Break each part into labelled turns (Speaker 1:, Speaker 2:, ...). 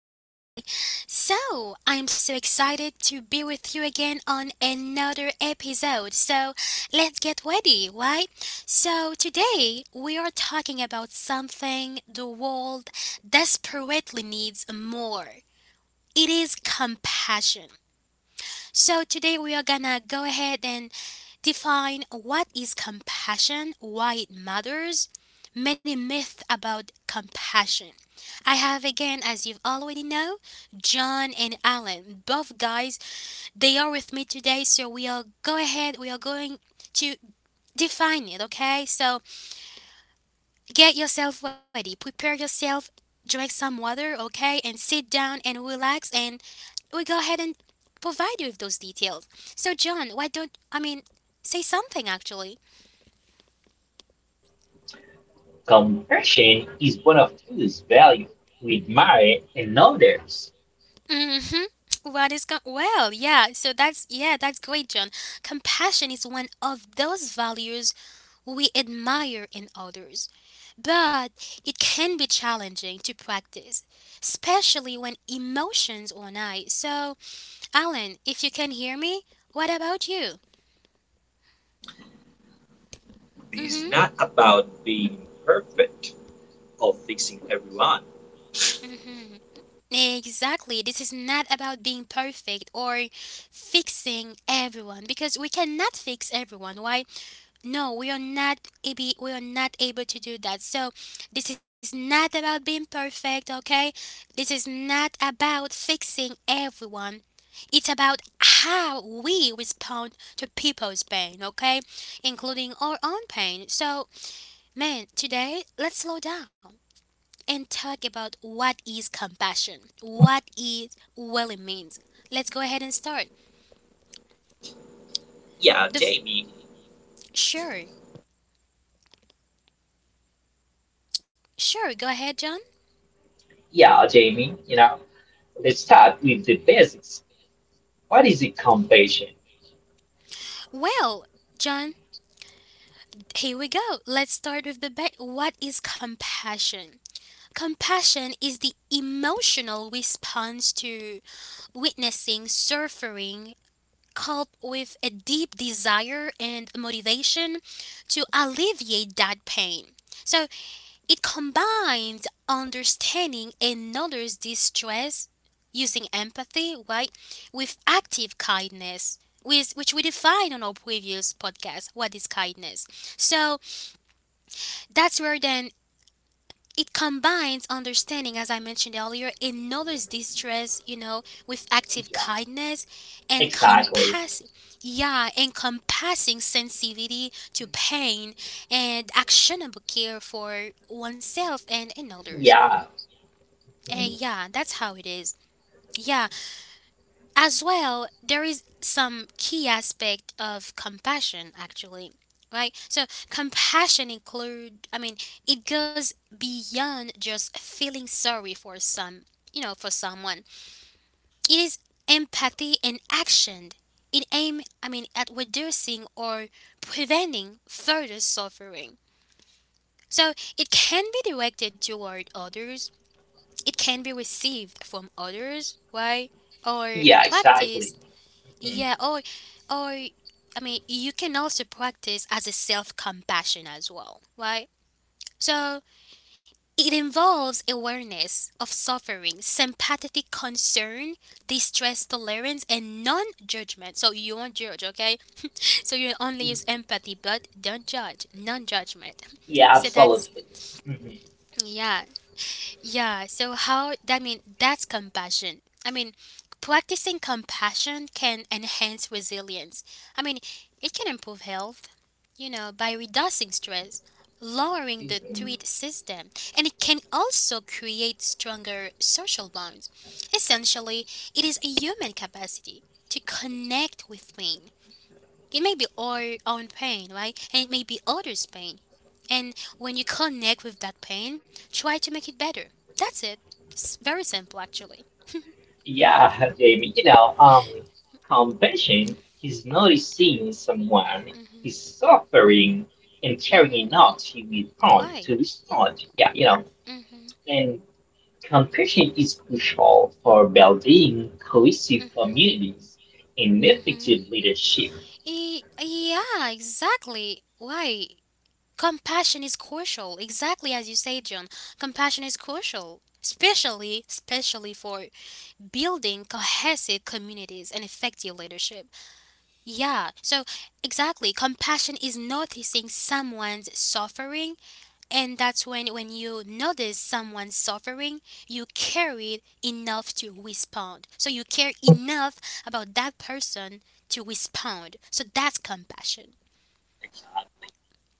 Speaker 1: back today. So, I'm so excited to be with you again on another episode. So, let's get ready, right? So, today we are talking about something the world desperately needs more. It is compassion. So today we are gonna go ahead and define what is compassion, why it matters, many myths about compassion. I have again, as you've already know, John and Alan, both guys. They are with me today, so we are go ahead. We are going to define it. Okay, so get yourself ready. Prepare yourself. Drink some water, okay? And sit down and relax. And we go ahead and provide you with those details. So, John, why don't say something actually?
Speaker 2: Compassion is one of those values we admire in others.
Speaker 1: Mm-hmm. What is going? Well, yeah. So that's great, John. Compassion is one of those values we admire in others, but it can be challenging to practice, especially when emotions are high. So Alan, if you can hear me, what about you?
Speaker 3: It's
Speaker 1: Mm-hmm.
Speaker 3: not about being perfect or fixing everyone.
Speaker 1: Mm-hmm. Exactly. This is not about being perfect or fixing everyone because we cannot fix everyone. Why? No, we are not able to do that. So, this is not about being perfect, okay? This is not about fixing everyone. It's about how we respond to people's pain, okay? Including our own pain. So, man, today let's slow down and talk about what is compassion, what it really means. Let's go ahead and start.
Speaker 3: Yeah,
Speaker 1: The f-
Speaker 3: Jamie.
Speaker 1: sure, sure, go ahead, John.
Speaker 2: Yeah, Jamie, let's start with the basics. What is it, compassion?
Speaker 1: Well, John, here we go. Let's start with the back. What is compassion? Compassion is the emotional response to witnessing suffering coupled with a deep desire and motivation to alleviate that pain. So it combines understanding another's distress using empathy, right, with active kindness, which we defined on our previous podcast, what is kindness. So that's where then it combines understanding, as I mentioned earlier, another's distress, you know, with active
Speaker 2: Yeah,
Speaker 1: kindness and
Speaker 2: exactly.
Speaker 1: compass, yeah, encompassing sensitivity to pain and actionable care for oneself and others.
Speaker 2: Yeah.
Speaker 1: Eh,
Speaker 2: Mm.
Speaker 1: yeah, that's how it is. Yeah, as well, there is some key aspect of compassion actually. Right? So, compassion it goes beyond just feeling sorry for someone. It is empathy in action. It aim, I mean, at reducing or preventing further suffering. So, it can be directed toward others. It can be received from others, why? Or a
Speaker 2: Yeah,
Speaker 1: practice.
Speaker 2: exactly. Mhm.
Speaker 1: Yeah, or I mean, you can also practice as a self-compassion as well, right? So, it involves awareness of suffering, sympathetic concern, distress tolerance, and non-judgment. So, you won't judge, okay? So, you only use empathy, but don't judge, non-judgment.
Speaker 2: Yeah,
Speaker 1: So,
Speaker 2: absolutely.
Speaker 1: that's,
Speaker 2: Mhm.
Speaker 1: yeah, yeah, so how I mean that's compassion. I mean, practicing compassion can enhance resilience. I mean, it can improve health, you know, by reducing stress, lowering the threat system, and it can also create stronger social bonds. Essentially, it is a human capacity to connect with pain. It may be our own pain, right? And it may be others' pain. And when you connect with that pain, try to make it better. That's it. It's very simple, actually.
Speaker 2: Yeah, Jamie, compassion is noticing someone is suffering and carrying
Speaker 1: Mm-hmm.
Speaker 2: out to respond
Speaker 1: Right.
Speaker 2: to respond. Yeah,
Speaker 1: Mm-hmm.
Speaker 2: and compassion is crucial for building cohesive
Speaker 1: Mm-hmm.
Speaker 2: communities and
Speaker 1: Mm-hmm.
Speaker 2: effective leadership.
Speaker 1: Yeah, exactly. Why? Compassion is crucial. Exactly as you say, John. Compassion is crucial. Especially, especially for building cohesive communities and effective leadership. Yeah, so exactly. Compassion is noticing someone's suffering, and that's when you notice someone's suffering, you care it enough to respond. So you care enough about that person to respond. So that's compassion.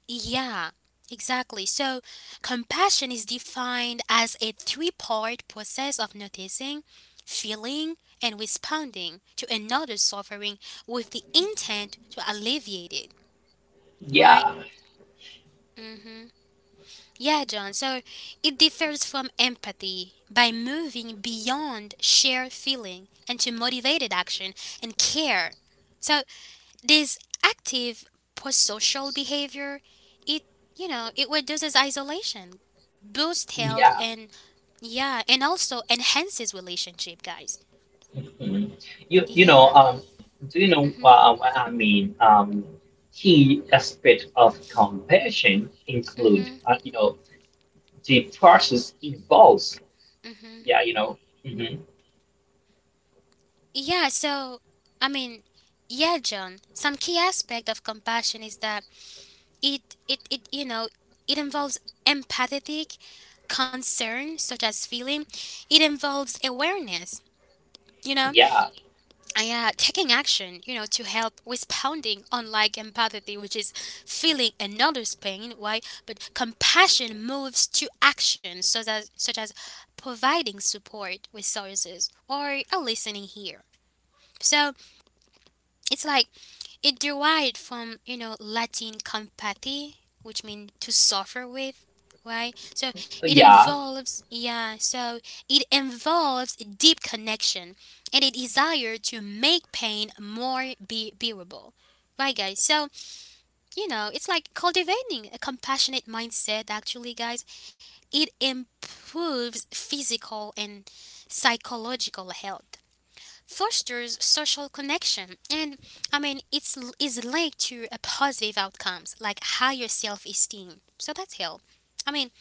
Speaker 1: Yeah, exactly. So compassion is defined as a three-part process of noticing, feeling, and responding to another's suffering with the intent to alleviate it. Why?
Speaker 2: Yeah,
Speaker 1: Mhm. Yeah, John. So it differs from empathy by moving beyond shared feeling and to motivated action and care. So this active prosocial behavior, it you know, it reduces isolation, boosts health,
Speaker 2: yeah.
Speaker 1: and yeah, and also enhances relationship, guys.
Speaker 2: Mhm. You know
Speaker 1: Yeah.
Speaker 2: do you know
Speaker 1: Mhm.
Speaker 2: what I mean? Key aspect of compassion include
Speaker 1: Mhm.
Speaker 2: the process involves.
Speaker 1: Mhm.
Speaker 2: Yeah, you know. Mhm.
Speaker 1: Yeah. So I mean, yeah, John. Some key aspect of compassion is that It, you know, it involves empathetic concern, such as feeling. It involves awareness, you know,
Speaker 2: Yeah,
Speaker 1: and taking action, you know, to help responding, unlike empathy, which is feeling another's pain, why? But compassion moves to action, such as providing support, resources, or a listening ear. So it's like it derived from, you know, Latin compati, which means to suffer with, right? So it
Speaker 2: yeah,
Speaker 1: involves, yeah, so it involves a deep connection and a desire to make pain more bearable. Right, guys? So, you know, it's like cultivating a compassionate mindset, actually, guys. It improves physical and psychological health, fosters social connection, and I mean it's is linked to a positive outcomes like higher self-esteem. So that's help, I mean,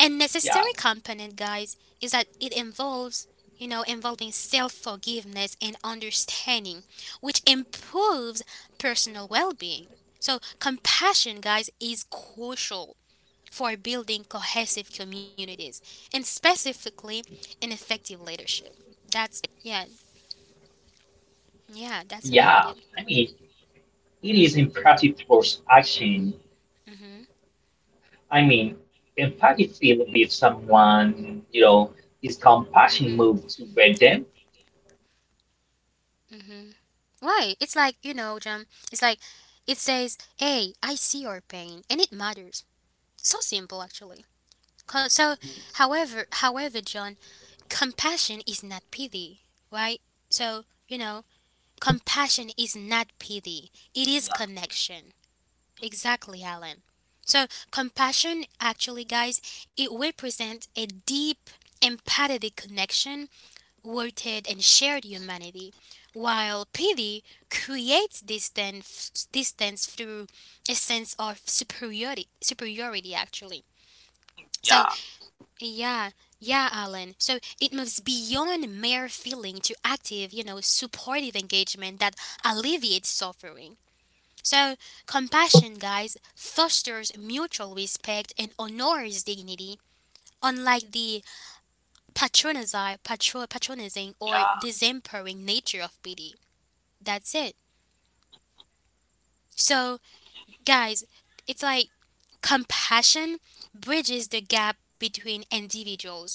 Speaker 1: a
Speaker 2: yeah,
Speaker 1: necessary component, guys, is that it involves, you know, involving self-forgiveness and understanding, which improves personal well-being. So compassion, guys, is crucial for building cohesive communities and specifically an effective leadership. That's yeah, yeah, that's
Speaker 2: yeah.
Speaker 1: about it.
Speaker 2: I mean, it is imperative towards action.
Speaker 1: Mhm.
Speaker 2: I mean, empathy feeling if someone, you know, is compassion
Speaker 1: Mhm.
Speaker 2: moved toward them.
Speaker 1: Mhm. Why? It's like, you know, John, it's like it says, "Hey, I see your pain and it matters." So simple actually. 'Cause- so, however, John, compassion is not pity, right? So, you know, compassion is not pity. It is
Speaker 3: Yeah,
Speaker 1: connection. Exactly, Alan. So, compassion actually, guys, it represents a deep empathetic connection worted and shared humanity, while pity creates distance through a sense of superiority. Superiority, actually. So
Speaker 3: yeah,
Speaker 1: yeah, yeah, Alan. So it moves beyond mere feeling to active, you know, supportive engagement that alleviates suffering. So compassion, guys, fosters mutual respect and honors dignity, unlike the patronizing or
Speaker 3: yeah,
Speaker 1: disempowering nature of beauty. That's it. So, guys, it's like compassion bridges the gap between individuals,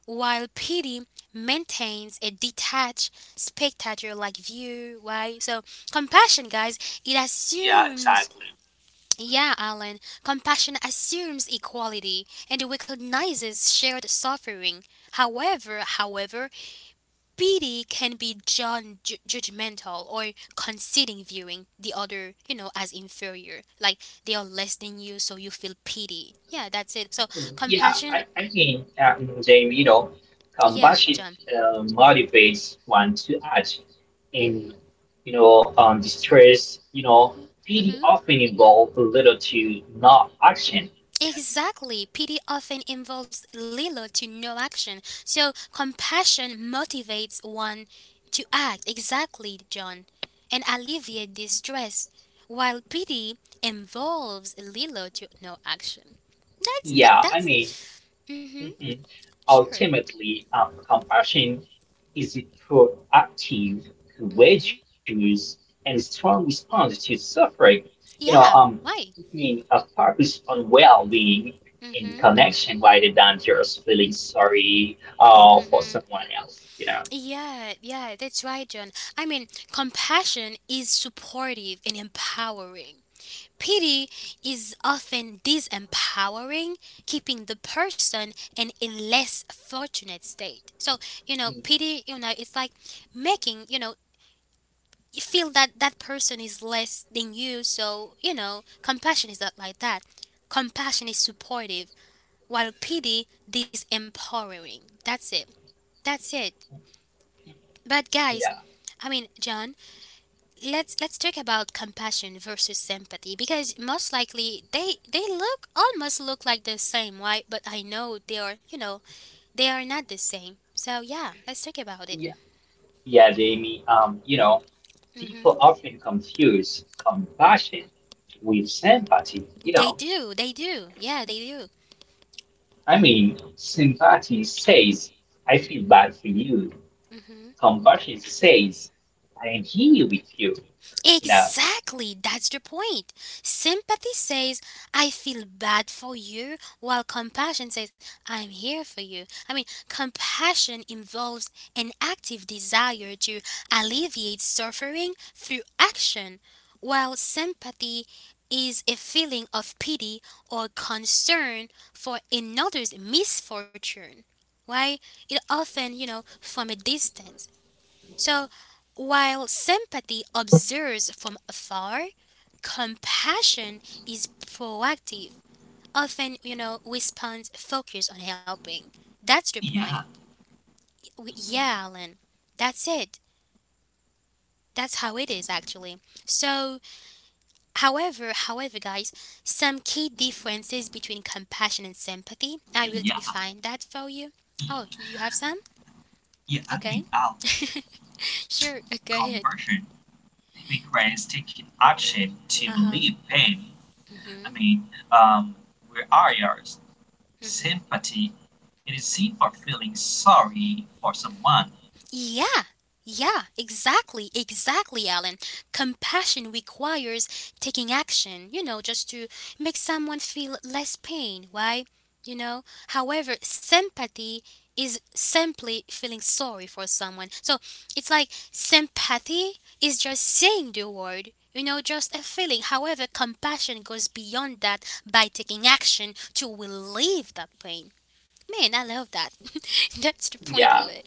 Speaker 1: while pity maintains a detached, spectator like view, right? So, compassion, guys, it
Speaker 3: yeah,
Speaker 1: assumes
Speaker 3: exactly.
Speaker 1: yeah, Alan. Compassion assumes equality and recognizes shared suffering. However, pity can be John judgmental or conceding viewing the other, you know, as inferior. Like they are less than you, so you feel pity. Yeah, that's it. So
Speaker 2: Yeah,
Speaker 1: compassion,
Speaker 2: I mean, Jamie, you know,
Speaker 1: yeah,
Speaker 2: compassion
Speaker 1: John.
Speaker 2: motivates one to act in,
Speaker 1: Mhm.
Speaker 2: distress. You know, pity
Speaker 1: Mhm.
Speaker 2: often involves a little to not action.
Speaker 1: Exactly. Pity often involves little to no action. So compassion motivates one to act. Exactly, John. And alleviate distress, while pity involves little to no action.
Speaker 2: Yeah, I mean.
Speaker 1: That's mm-hmm.
Speaker 2: Mhm.
Speaker 1: Sure.
Speaker 2: Ultimately, compassion is a proactive, courageous, and strong response to suffering. You know, um,
Speaker 1: Yeah. Why?
Speaker 2: keeping a focus on well-being in
Speaker 1: Mm-hmm.
Speaker 2: connection rather than just feeling sorry for
Speaker 1: Mm-hmm.
Speaker 2: someone else. You know.
Speaker 1: Yeah, yeah, that's right, John. I mean, compassion is supportive and empowering. Pity is often disempowering, keeping the person in a less fortunate state. So, you know,
Speaker 2: Mm,
Speaker 1: pity, you know, it's like making, you know, you feel that that person is less than you. So, you know, compassion is not like that. Compassion is supportive while pity disempowering. That's it. That's it. But guys,
Speaker 2: yeah,
Speaker 1: I mean, John, let's talk about compassion versus sympathy because most likely they look almost look like the same, right? But I know they are, you know, they are not the same. So yeah, let's talk about it.
Speaker 2: yeah, yeah, Jamie.
Speaker 1: Hmm.
Speaker 2: People often confuse compassion with sympathy. You know,
Speaker 1: They do, yeah, they do.
Speaker 2: I mean, sympathy says, "I feel bad for you."
Speaker 1: Hmm.
Speaker 2: Compassion says, "I am here with you." You know,
Speaker 1: Exactly, that's the point. Sympathy says, I feel bad for you, while compassion says, I'm here for you. I mean, compassion involves an active desire to alleviate suffering through action, while sympathy is a feeling of pity or concern for another's misfortune. Why? It often, you know, from a distance. So, while sympathy observes from afar, compassion is proactive. Often, you know, responds focus on helping. That's the point.
Speaker 3: Yeah,
Speaker 1: Yeah, Alan. That's it. That's how it is actually. So, however, guys, some key differences between compassion and sympathy. I will
Speaker 3: yeah,
Speaker 1: define that for you. Oh, you have some?
Speaker 3: yeah.
Speaker 1: Okay.
Speaker 3: Our
Speaker 1: Sure. Go ahead.
Speaker 3: conversion requires taking action to
Speaker 1: Uh huh.
Speaker 3: relieve pain. I
Speaker 1: Mhm.
Speaker 3: mean, um, where are your sympathy? It is simple feeling sorry for someone.
Speaker 1: Yeah, yeah, exactly, Alan. Compassion requires taking action, you know, just to make someone feel less pain, right? You know, however, sympathy is simply feeling sorry for someone. So it's like sympathy is just saying the word, you know, just a feeling. However, compassion goes beyond that by taking action to relieve that pain. Man, I love that. That's the
Speaker 2: yeah,
Speaker 1: point of it.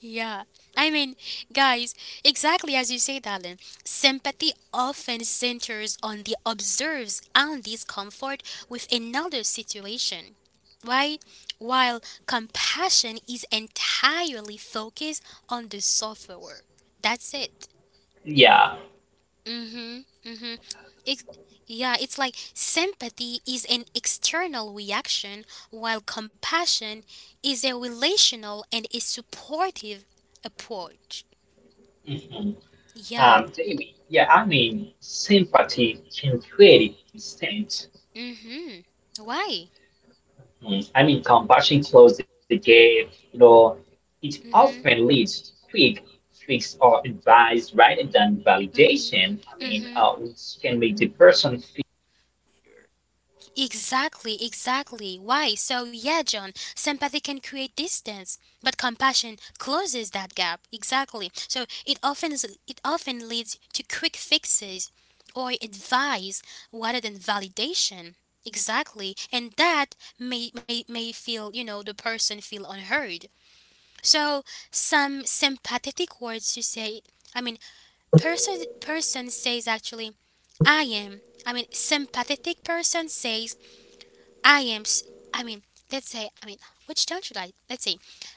Speaker 1: Yeah, I mean, guys, exactly as you said, Alan, sympathy often centers on the observes and discomfort with another situation, right? While compassion is entirely focused on the sufferer. That's it.
Speaker 2: yeah.
Speaker 1: Mm hmm. Mm hmm. Ex- yeah, it's like sympathy is an external reaction, while compassion is a relational and a supportive approach.
Speaker 2: Hmm.
Speaker 1: Yeah.
Speaker 2: Jamie, yeah, I mean, sympathy can create distance.
Speaker 1: Mhm. Why?
Speaker 2: Mhm. I mean, compassion closes the gap. You know, it often
Speaker 1: Mhm.
Speaker 2: leads to quick fix or advice rather than
Speaker 1: Mhm.
Speaker 2: validation. I mean,
Speaker 1: Mhm.
Speaker 2: which can make the person feel,
Speaker 1: Exactly, exactly. Why? So yeah, John, sympathy can create distance, but compassion closes that gap. Exactly. So it often leads to quick fixes or advice rather than validation. Exactly. And that may feel, you know, the person feel unheard. So some sympathetic words to say, I mean, person says actually, I am. I mean sympathetic person says I am s- I mean let's say, which don't you like? Let's say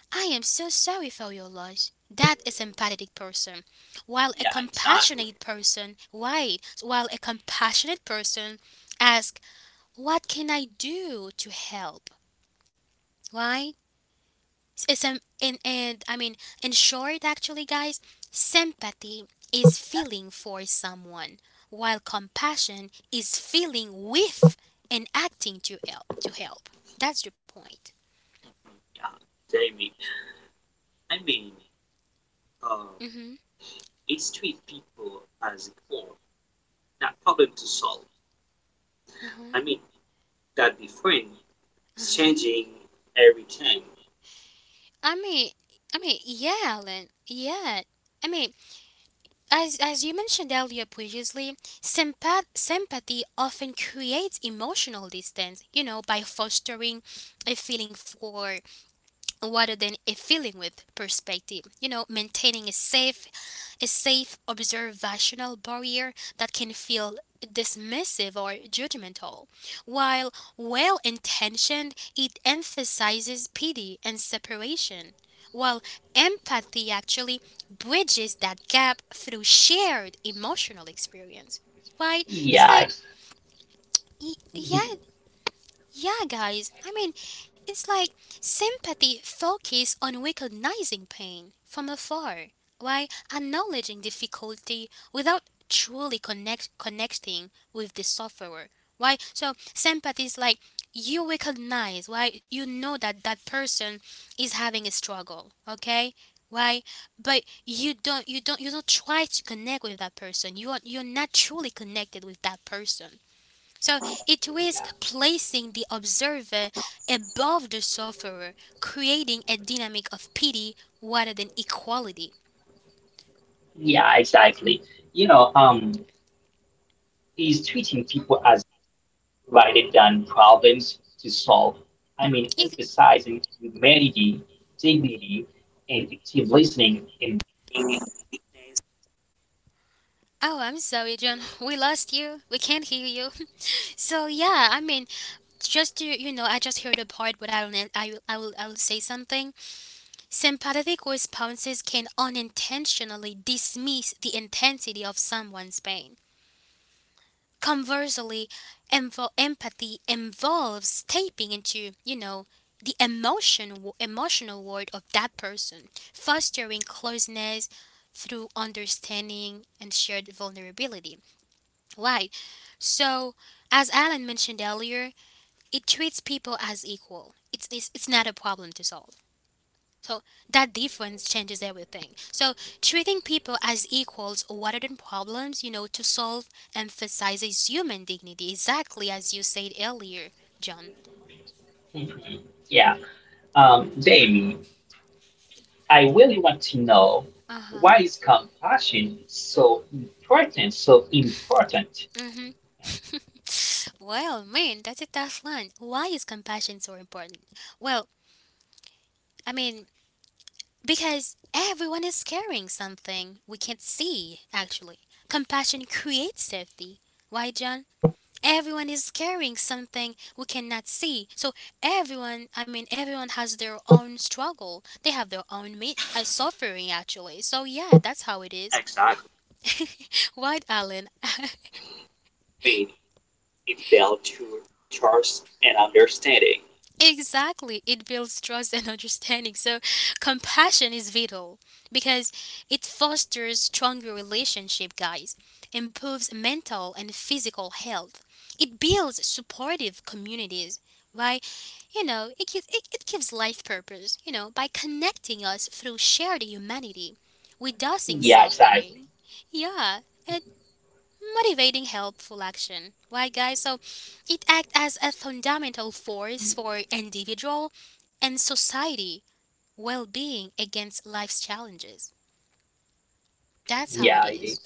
Speaker 1: I am so sorry for your loss. That is empathetic person. While a
Speaker 3: Yeah, exactly.
Speaker 1: compassionate person, why? While a compassionate person asks, what can I do to help? Why? It's, and I mean, In short, actually, guys, sympathy is feeling for someone, while compassion is feeling with and acting to help. To help. That's the point.
Speaker 3: Yeah, Jamie. I mean, uh,
Speaker 1: Mm-hmm.
Speaker 3: it's treat people as equal that problem to solve.
Speaker 1: Uh-huh.
Speaker 3: I mean, that the friend
Speaker 1: Uh-huh.
Speaker 3: changing everything.
Speaker 1: I mean, yeah, Alan. Yeah. I mean, as you mentioned earlier previously, sympathy often creates emotional distance, you know, by fostering a feeling for rather than a feeling with perspective. You know, maintaining a safe observational barrier that can feel dismissive or judgmental. While well intentioned, it emphasizes pity and separation. While empathy actually bridges that gap through shared emotional experience. Right? It's
Speaker 2: yeah,
Speaker 1: like, yeah,
Speaker 2: mhm,
Speaker 1: yeah, guys, I mean, it's like sympathy focuses on recognizing pain from afar while acknowledging difficulty without connecting with the sufferer. Why? So, sympathy is like you recognize, why you know that that person is having a struggle, okay? Why? But you don't try to connect with that person. You're not truly connected with that person. So it risks
Speaker 2: yeah.
Speaker 1: placing the observer above the sufferer, creating a dynamic of pity rather than equality.
Speaker 2: Yeah, exactly. You know, um, he's treating people as rather than problems to solve. I mean,
Speaker 1: It-
Speaker 2: emphasizing humanity, dignity, and active listening. And
Speaker 1: oh, I'm sorry, John. We lost you. We can't hear you. So yeah, I mean, just to you know, I just heard a part, but I don't. I will say something. Sympathetic responses can unintentionally dismiss the intensity of someone's pain. Conversely, empathy involves tapping into, you know, emotional world of that person, fostering closeness through understanding and shared vulnerability. Why? So, as Alan mentioned earlier, it treats people as equal. It's not a problem to solve. So that difference changes everything. So treating people as equals rather than problems, you know, to solve emphasizes human dignity, exactly as you said earlier, John.
Speaker 2: mhm. Yeah, Jamie, I really want to know,
Speaker 1: Uh huh.
Speaker 2: why is compassion so important? So important?
Speaker 1: Mm-hmm. Well, man, that's a tough one. Why is compassion so important? Well, I mean, because everyone is carrying something we can't see, actually. Compassion creates safety. Why, John? Everyone is carrying something we cannot see. So everyone, I mean, everyone has their own struggle. They have their own suffering, actually. So yeah, that's how it is.
Speaker 3: Exactly.
Speaker 1: Right, Alan?
Speaker 3: Made it built to trust and understanding.
Speaker 1: Exactly. It builds trust and understanding. So, compassion is vital because it fosters stronger relationship, guys, improves mental and physical health. It builds supportive communities. Why, you know, it gives life purpose, you know, by connecting us through shared humanity, reducing
Speaker 2: Yeah, exactly.
Speaker 1: suffering. Yeah. Motivating helpful action. Why, guys? So it acts as a fundamental force for individual and society well being against life's challenges. That's how it
Speaker 2: Yeah, it is.
Speaker 1: is.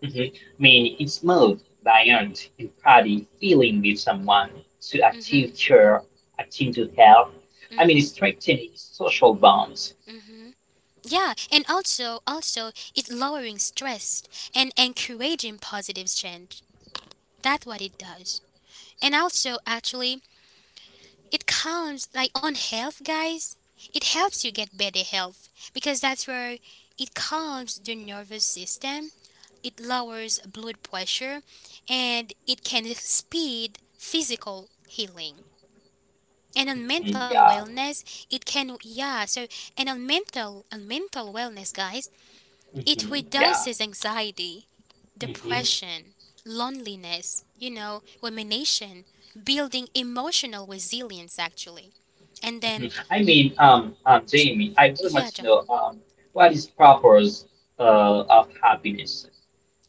Speaker 2: Mhm. Mean is moved by an empathy feeling with someone to
Speaker 1: Mm-hmm,
Speaker 2: active care, acting to help. I mean, it's
Speaker 1: mm-hmm.
Speaker 2: strengthening social bonds.
Speaker 1: Yeah, and also, it lowering stress and encouraging positive change. That's what it does. And also, actually, it counts like on health, guys. It helps you get better health because that's where it calms the nervous system it lowers blood pressure, and it can speed physical healing. And on
Speaker 2: Mhm,
Speaker 1: mental
Speaker 2: yeah.
Speaker 1: wellness, it can yeah. So and on mental wellness, guys, it
Speaker 2: Hmm. Yeah.
Speaker 1: reduces anxiety,
Speaker 2: Hmm. Hmm.
Speaker 1: depression, loneliness, you know, rumination, building emotional resilience actually. And then
Speaker 2: I mean,
Speaker 1: sh-
Speaker 2: Jamie, I would want
Speaker 1: yeah,
Speaker 2: to
Speaker 1: John,
Speaker 2: know, what is purpose of happiness?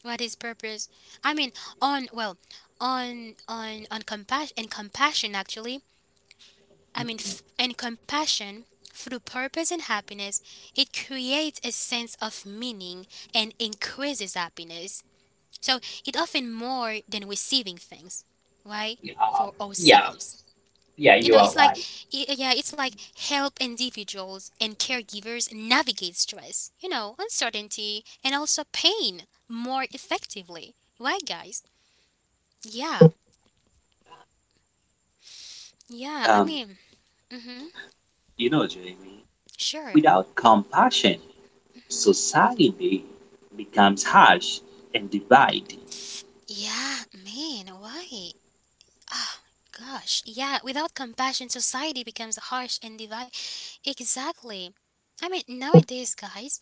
Speaker 1: what is purpose? I mean, on well, on compassion and compassion actually, I mean,
Speaker 2: Hmm.
Speaker 1: f- and compassion through purpose and happiness, it creates a sense of meaning and increases happiness. So it often more than receiving things, right?
Speaker 2: Yeah.
Speaker 1: For
Speaker 2: Yeah.
Speaker 1: ourselves.
Speaker 2: Yeah,
Speaker 1: You
Speaker 2: you
Speaker 1: know,
Speaker 2: are
Speaker 1: it's like,
Speaker 2: right.
Speaker 1: yeah, it's like help individuals and caregivers navigate stress, you know, uncertainty and also pain more effectively. Right, guys? Yeah, yeah, I
Speaker 3: Um,
Speaker 1: mean, mm-hmm,
Speaker 3: you know, Jamie,
Speaker 1: sure.
Speaker 3: without compassion,
Speaker 1: Hmm.
Speaker 3: society becomes harsh and divided.
Speaker 1: Yeah, man, why? Ah, gosh, yeah, without compassion, society becomes harsh and divide. Exactly. I mean, nowadays, guys,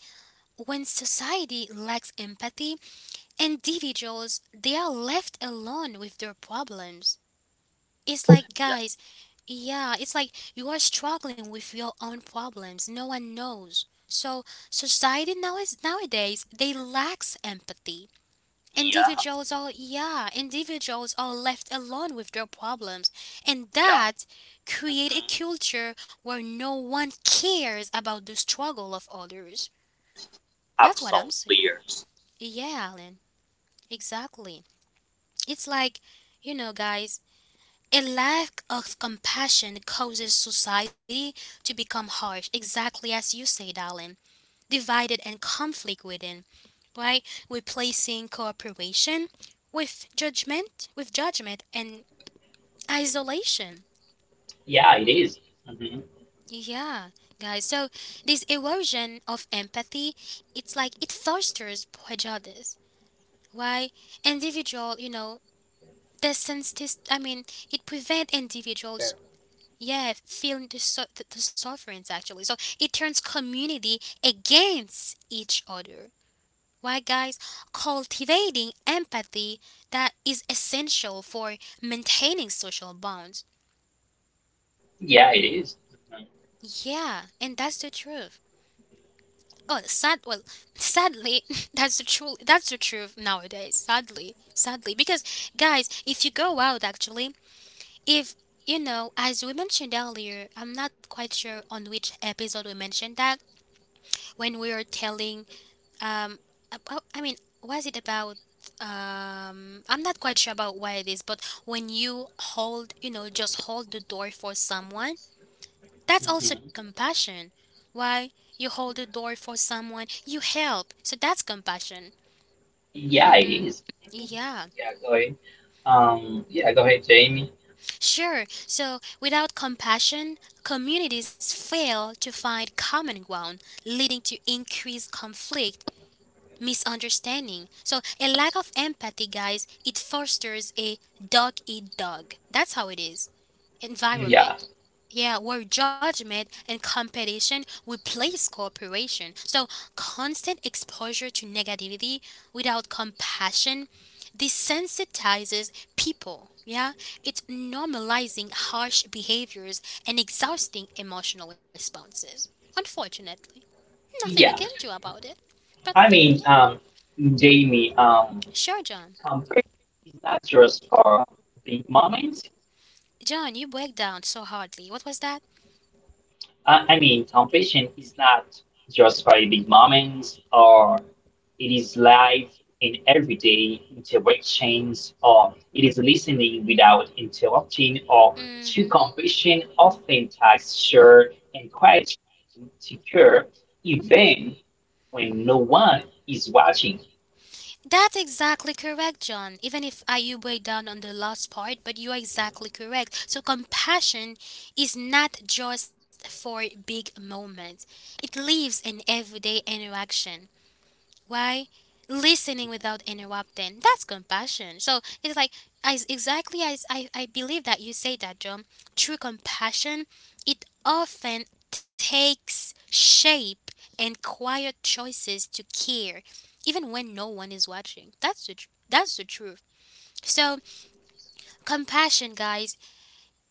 Speaker 1: when society lacks empathy, individuals, they are left alone with their problems. It's like, guys, yeah, it's like you are struggling with your own problems. No one knows. So society now is nowadays they lacks empathy.
Speaker 3: Yeah,
Speaker 1: Yeah, individuals are left alone with their problems, and
Speaker 3: yeah,
Speaker 1: that create a
Speaker 3: mhm,
Speaker 1: culture where no one cares about the struggle of others. That's what I'm
Speaker 3: absolutely.
Speaker 1: saying.
Speaker 3: Yes.
Speaker 1: Yeah, Alan, exactly. It's like, you know, guys, a lack of compassion causes society to become harsh, exactly as you said, Alan. Divided and conflict within, right? Replacing cooperation with judgment and isolation.
Speaker 2: Yeah, it is. Mm-hmm.
Speaker 1: Yeah, guys. So this erosion of empathy, it's like it fosters prejudice. Why individual, you know, the senses. I mean, it prevents
Speaker 2: Yeah.
Speaker 1: individuals. Yeah, feeling the sufferings actually. So it turns community against each other. Why, guys, cultivating empathy that is essential for maintaining social bonds.
Speaker 2: Yeah, it is. Mhm,
Speaker 1: Yeah, and that's the truth. Oh, sad. Well, sadly, that's the truth. That's the truth nowadays. Sadly, because guys, if you go out, actually, if you know, as we mentioned earlier, I'm not quite sure on which episode we mentioned that when we were telling Um, about, I mean, was it about? I'm not quite sure about what it is, but when you hold, you know, just hold the door for someone, that's also
Speaker 2: mhm.
Speaker 1: compassion. Why you hold the door for someone, you help, so that's compassion.
Speaker 2: Yeah, it
Speaker 1: Mm-hmm.
Speaker 2: is.
Speaker 1: Yeah,
Speaker 2: Yeah, go ahead. Yeah, go ahead, Jamie.
Speaker 1: sure. So without compassion, communities fail to find common ground, leading to increased conflict misunderstanding. So a lack of empathy, guys, it fosters a dog eat dog. That's how it is.
Speaker 2: Yeah,
Speaker 1: Environment. Yeah, where judgment and competition replace cooperation. So constant exposure to negativity without compassion desensitizes people. Yeah, it's normalizing harsh behaviors and exhausting emotional responses. Unfortunately, nothing we can
Speaker 2: yeah.
Speaker 1: do about it. But
Speaker 2: I
Speaker 1: yeah.
Speaker 2: mean, Jamie,
Speaker 1: Sure, John.
Speaker 2: compared is not just for big moments.
Speaker 1: John, you break down so hardly. What was that?
Speaker 2: I mean, competition is not just by big moments, or it is live in everyday interactions, or it is listening without interrupting, or to
Speaker 1: Hmm.
Speaker 2: competition often takes sure and quiet secure, even when no one is watching.
Speaker 1: That's exactly correct, John. Even if I you break down on the last part, but you are exactly correct. So compassion is not just for big moments. It lives in everyday interaction. Why? Listening without interrupting. That's compassion. So it's like as exactly as I believe that you say that, John. True compassion, it often takes shape in quiet choices to care, even when no one is watching. That's the truth. So compassion, guys,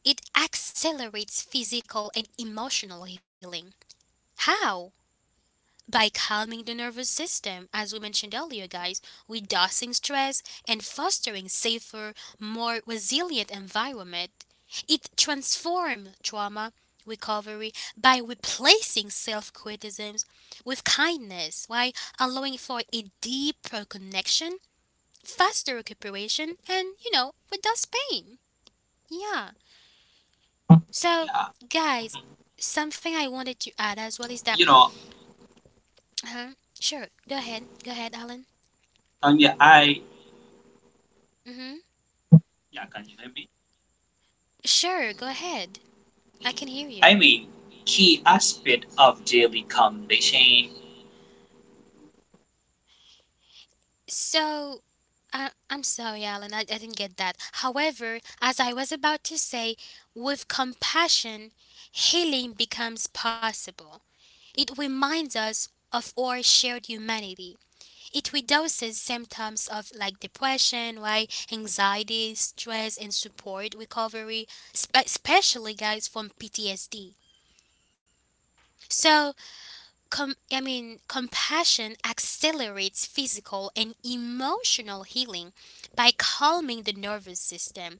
Speaker 1: it accelerates physical and emotional healing. How? By calming the nervous system, as we mentioned earlier, guys, reducing stress and fostering safer, more resilient environment. It transforms trauma recovery by replacing self-criticisms with kindness while allowing for a deeper connection, faster recuperation, and, you know, reduce pain. Yeah. So,
Speaker 3: Yeah,
Speaker 1: guys,
Speaker 3: mm-hmm,
Speaker 1: something I wanted to add as well is that...
Speaker 3: you know,
Speaker 1: Uh-huh, sure, go ahead. Go ahead, Alan.
Speaker 3: I mean, I
Speaker 1: Mm-hmm.
Speaker 3: yeah, can you hear me?
Speaker 1: Sure, go ahead. I can hear
Speaker 3: I
Speaker 1: you.
Speaker 3: mean, key aspect of daily conversation.
Speaker 1: So, I'm sorry, Alan, I didn't get that. However, as I was about to say, with compassion, healing becomes possible. It reminds us of our shared humanity. It reduces symptoms of like depression, right? Anxiety, stress, and support recovery, especially guys from PTSD. So, I mean, compassion accelerates physical and emotional healing by calming the nervous system,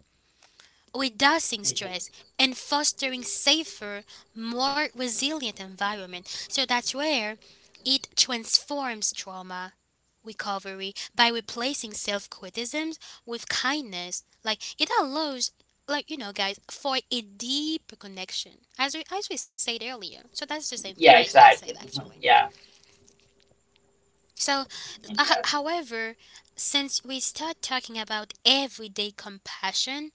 Speaker 1: reducing
Speaker 2: Mhm.
Speaker 1: stress, and fostering safer, more resilient environment. So that's where it transforms trauma recovery by replacing self-criticisms with kindness. Like it allows like you know guys for a deeper connection as we said earlier so that's the same thing
Speaker 2: Yeah,
Speaker 1: I said
Speaker 2: exactly. Mhm.
Speaker 1: actually
Speaker 2: Yeah,
Speaker 1: so,
Speaker 2: mhm. Yeah,
Speaker 1: however, since we start talking about everyday compassion,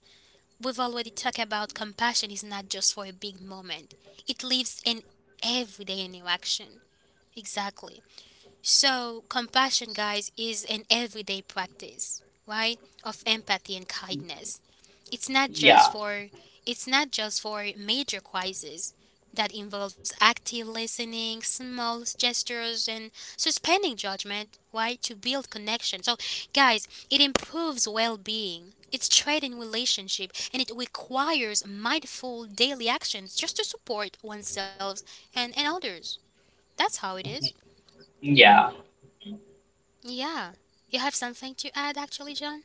Speaker 1: we've already talked about compassion is not just for a big moment, it lives in everyday interaction. Exactly. So, compassion, guys, is an everyday practice, right, of empathy and kindness. It's not
Speaker 2: yeah,
Speaker 1: just for it's not just for major quizzes that involves active listening, small gestures and suspending judgment, right? To build connection. So guys, it improves well-being. It's trading relationship and it requires mindful daily actions just to support oneself and others. That's how it is.
Speaker 2: mhm. Yeah.
Speaker 1: Yeah. You have something to add actually, John?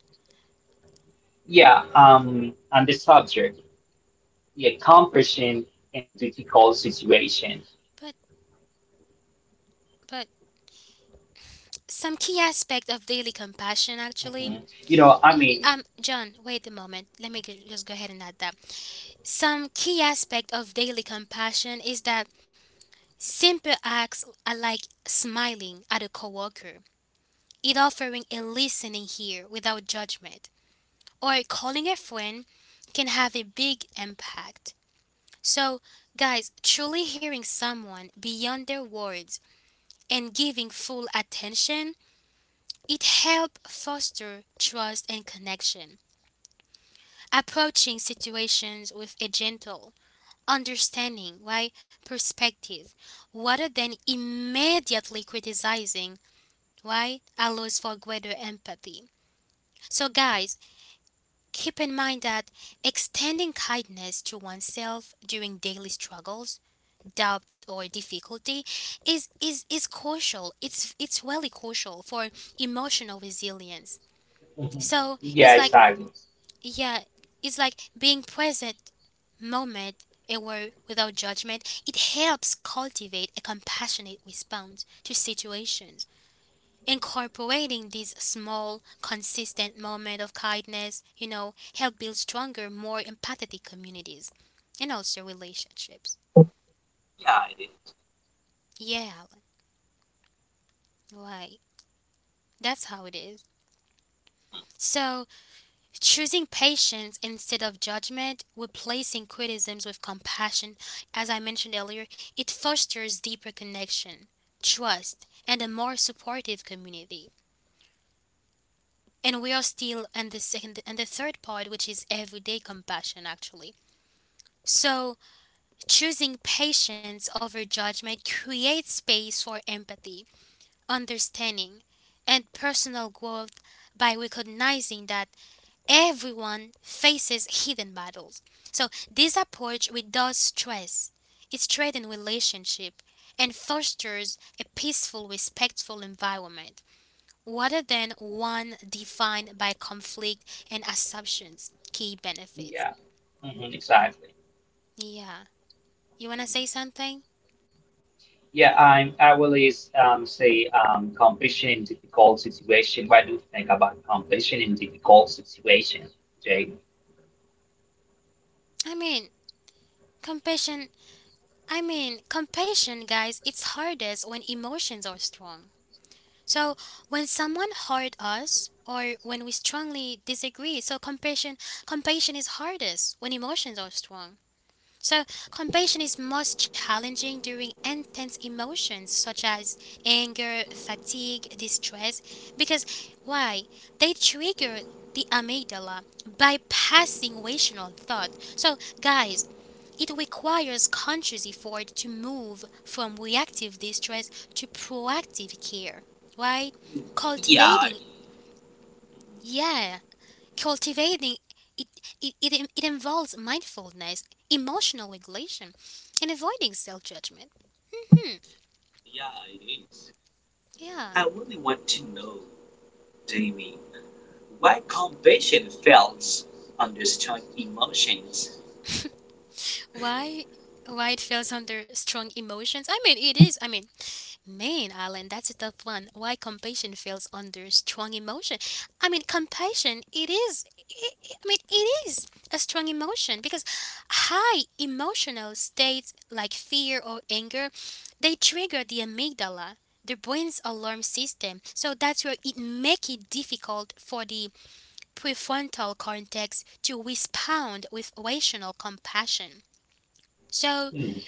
Speaker 2: Yeah, on the subject. Yeah, compassion in difficult situation.
Speaker 1: But but some key aspect of daily
Speaker 2: Mhm. You know,
Speaker 1: compassion
Speaker 2: I mean,
Speaker 1: actually John, wait a moment. Let me just go ahead and add that. Some key aspect of daily compassion is that simple acts are like smiling at a coworker, it offering a listening ear without judgment, or calling a friend can have a big impact. So, guys, truly hearing someone beyond their words and giving full attention, it helps foster trust and connection. Approaching situations with a gentle understanding, why Perspective, rather than immediately criticizing, why Allows for greater empathy. So, guys, keep in mind that extending kindness to oneself during daily struggles, doubt, or difficulty is crucial. It's really crucial for emotional resilience.
Speaker 2: mhm.
Speaker 1: So
Speaker 2: Yeah,
Speaker 1: it's like
Speaker 2: exactly.
Speaker 1: yeah, it's like being present Moment, aware without judgment, it helps cultivate a compassionate response to situations. Incorporating these small, consistent moments of kindness, you know, help build stronger, more empathetic communities and also relationships.
Speaker 3: Yeah, it is.
Speaker 1: Yeah, Alan, right. That's how it is. So Choosing patience instead of judgment, replacing criticisms with compassion, as I mentioned earlier, it fosters deeper connection, trust, and a more supportive community. And we are still in the second and the third part, which is everyday compassion, actually. So, choosing patience over judgment creates space for empathy, understanding, and personal growth by recognizing that everyone faces hidden battles. So this approach reduces stress, it strengthens relationship and fosters a peaceful, respectful environment rather than one defined by conflict and assumptions. Key benefits.
Speaker 2: Yeah, mhm, exactly.
Speaker 1: Yeah. You wanna say
Speaker 2: Mhm.
Speaker 1: something?
Speaker 2: Yeah, I'm. I will is say compassion in difficult situation. What do you think about compassion in difficult situation, Jay?
Speaker 1: I mean, compassion. I mean, compassion, guys, it's hardest when emotions are strong. So when someone hurt us or when we strongly disagree, so compassion is hardest when emotions are strong. So compassion is most challenging during intense emotions such as anger, fatigue, distress because why? They trigger the amygdala bypassing rational thought. So guys, it requires conscious effort to move from reactive distress to proactive care. Why,
Speaker 3: Yeah.
Speaker 1: cultivating, yeah, cultivating it, it involves mindfulness, emotional regulation, and avoiding self judgment. Hmm,
Speaker 3: Yeah, it is.
Speaker 1: yeah.
Speaker 3: I really want to know, Jamie, why compassion fails understand emotions.
Speaker 1: Why? Why it falls under strong emotions? I mean, it is. I mean, man, Alan, that's a tough one. Why compassion feels under strong emotion? I mean, compassion, I mean, it is a strong emotion because high emotional states like fear or anger, they trigger the amygdala, the brain's alarm system. So that's where it make it difficult for the prefrontal cortex to respond with rational compassion. So
Speaker 2: Mm,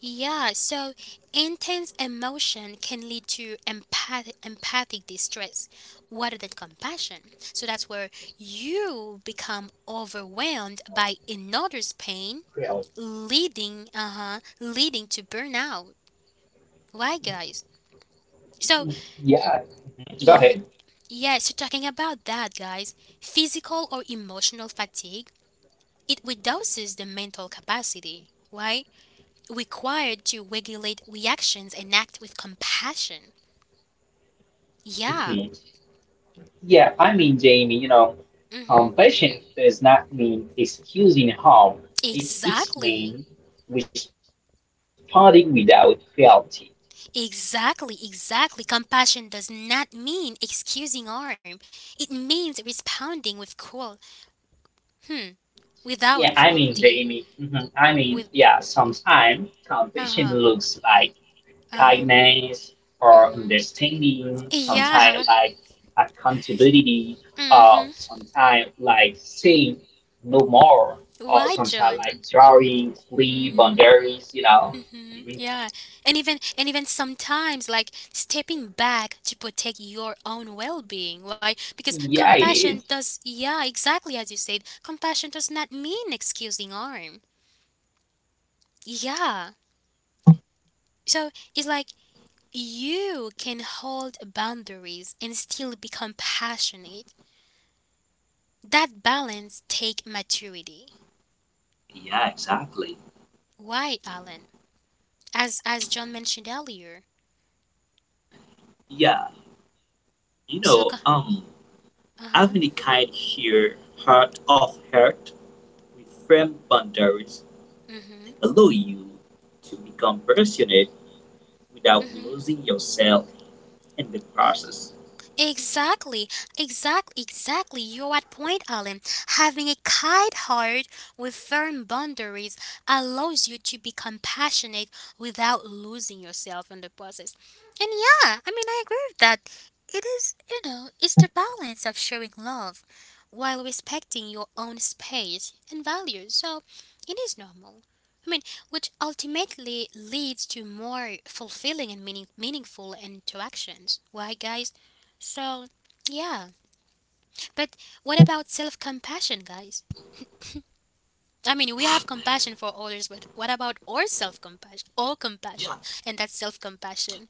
Speaker 1: yeah, so intense emotion can lead to empathic distress rather than compassion. So that's where you become overwhelmed by another's pain,
Speaker 2: yeah.
Speaker 1: leading uh-huh, leading to burnout. Right, guys? So
Speaker 2: Yeah. Mhm.
Speaker 1: y-
Speaker 2: Go
Speaker 1: yeah, so talking about that, guys, physical or emotional fatigue, it reduces the mental capacity, right? Required to regulate reactions and act with compassion. Yeah.
Speaker 2: ahead. Yeah, I mean, Jamie, you know,
Speaker 1: Hmm.
Speaker 2: compassion does not mean excusing harm. It's
Speaker 1: Exactly.
Speaker 2: mean responding without cruelty.
Speaker 1: Exactly. Exactly. Compassion does not mean excusing harm. It means responding with cruel. Hmm. Without
Speaker 2: Yeah, I mean,
Speaker 1: cruelty.
Speaker 2: Jamie, mhm, I mean,
Speaker 1: With.
Speaker 2: yeah, sometimes
Speaker 1: Uh
Speaker 2: compassion
Speaker 1: huh.
Speaker 2: looks like
Speaker 1: Uh huh.
Speaker 2: kindness or
Speaker 1: Mm-hmm.
Speaker 2: understanding,
Speaker 1: Yeah.
Speaker 2: sometimes like accountability, or
Speaker 1: Mm-hmm.
Speaker 2: sometimes like saying no more, or
Speaker 1: Why,
Speaker 2: sometimes
Speaker 1: John?
Speaker 2: like drawing clear
Speaker 1: Mm-hmm.
Speaker 2: boundaries, you know.
Speaker 1: Mm-hmm.
Speaker 2: Mhm.
Speaker 1: Yeah, and even sometimes like stepping back to protect your own well-being, right? Because
Speaker 2: Yeah, it
Speaker 1: compassion
Speaker 2: is.
Speaker 1: does, yeah, exactly as you said, compassion does not mean excusing harm. Yeah, so it's like you can hold boundaries and still be compassionate. That balance take maturity.
Speaker 3: Yeah, exactly.
Speaker 1: Why, Alan? As John mentioned earlier.
Speaker 3: Yeah, you
Speaker 1: So,
Speaker 3: know, um,
Speaker 1: uh-huh.
Speaker 3: having a kind here, heart of heart, with firm boundaries,
Speaker 1: Mm-hmm.
Speaker 3: allow you to become passionate without
Speaker 1: Mm-hmm.
Speaker 3: losing yourself in the process.
Speaker 1: Exactly, exactly. You're at point, Alan. Having a kind heart with firm boundaries allows you to be compassionate without losing yourself in the process. And yeah, I mean, I agree with that. It is, you know, it's the balance of showing love while respecting your own space and values. So it is normal. I mean, which ultimately leads to more fulfilling and meaningful interactions. Why, guys? So, yeah. But what about self compassion, guys? I mean, we have compassion for others, but what about our self compassion? All
Speaker 3: Yeah,
Speaker 1: compassion. And that's self compassion.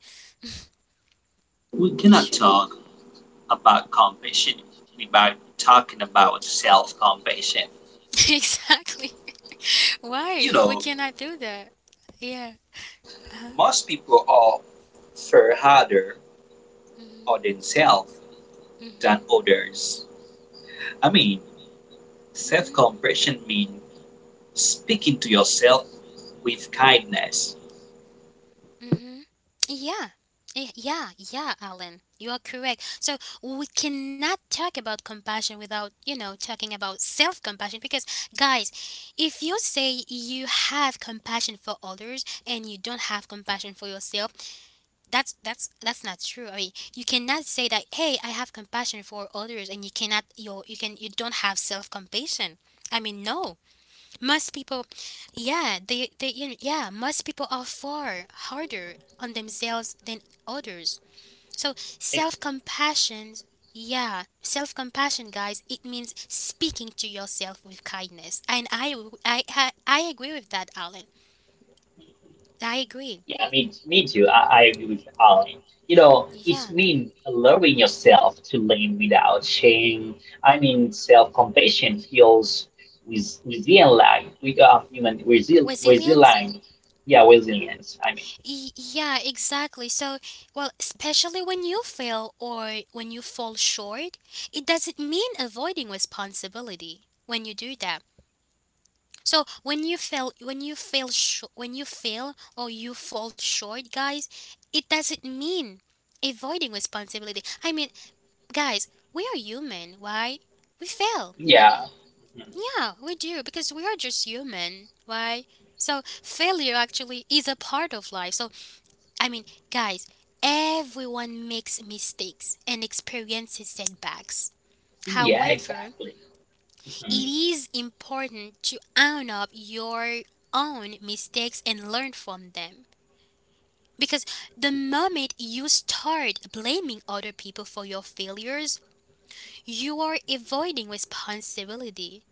Speaker 3: we cannot
Speaker 1: Sure.
Speaker 3: talk about compassion without talking about self-compassion.
Speaker 1: Exactly.
Speaker 3: You
Speaker 1: Why? We
Speaker 3: know,
Speaker 1: cannot do that. Yeah. Uh huh.
Speaker 3: most people are far harder
Speaker 1: Mm
Speaker 3: on themselves
Speaker 1: hmm.
Speaker 3: than
Speaker 1: Mm
Speaker 3: others. I mean, self
Speaker 1: hmm.
Speaker 3: compassion means speaking to yourself with kindness.
Speaker 1: Mm-hmm. Yeah. Yeah, yeah, Alan. You are correct. So we cannot talk about compassion without, you know, talking about self compassion because, guys, if you say you have compassion for others and you don't have compassion for yourself, that's that's not true. I mean, you cannot say that, hey, I have compassion for others and you cannot you you can you don't have self compassion. I mean, no. Most people, yeah, you know, yeah, most people are far harder on themselves than others. So
Speaker 2: It's,
Speaker 1: self compassion, yeah, self compassion, guys, it means speaking to yourself with kindness. And I agree with that, Alan. I agree.
Speaker 2: yeah, me, me too. I agree with Alan. You know, it's
Speaker 1: Yeah.
Speaker 2: mean allowing yourself to lean without shame. I mean, self-compassion fuels with resilience, we are human
Speaker 1: Resilience?
Speaker 2: resilient. Yeah, resilience. I mean,
Speaker 1: Yeah, exactly. So, well, especially when you fail or when you fall short, it doesn't mean avoiding responsibility when you do that. So when you fail or you fall short, guys, it doesn't mean avoiding responsibility. I mean, guys, we are human, right? We fail.
Speaker 2: yeah, mhm.
Speaker 1: Yeah, we do because we are just human, right? So failure actually is a part of life. So I mean, guys, everyone makes mistakes and experiences setbacks.
Speaker 2: Yeah,
Speaker 1: However,
Speaker 2: exactly. Mhm.
Speaker 1: it is important to own up your own mistakes and learn from them. Because the moment you start blaming other people for your failures, you are avoiding responsibility.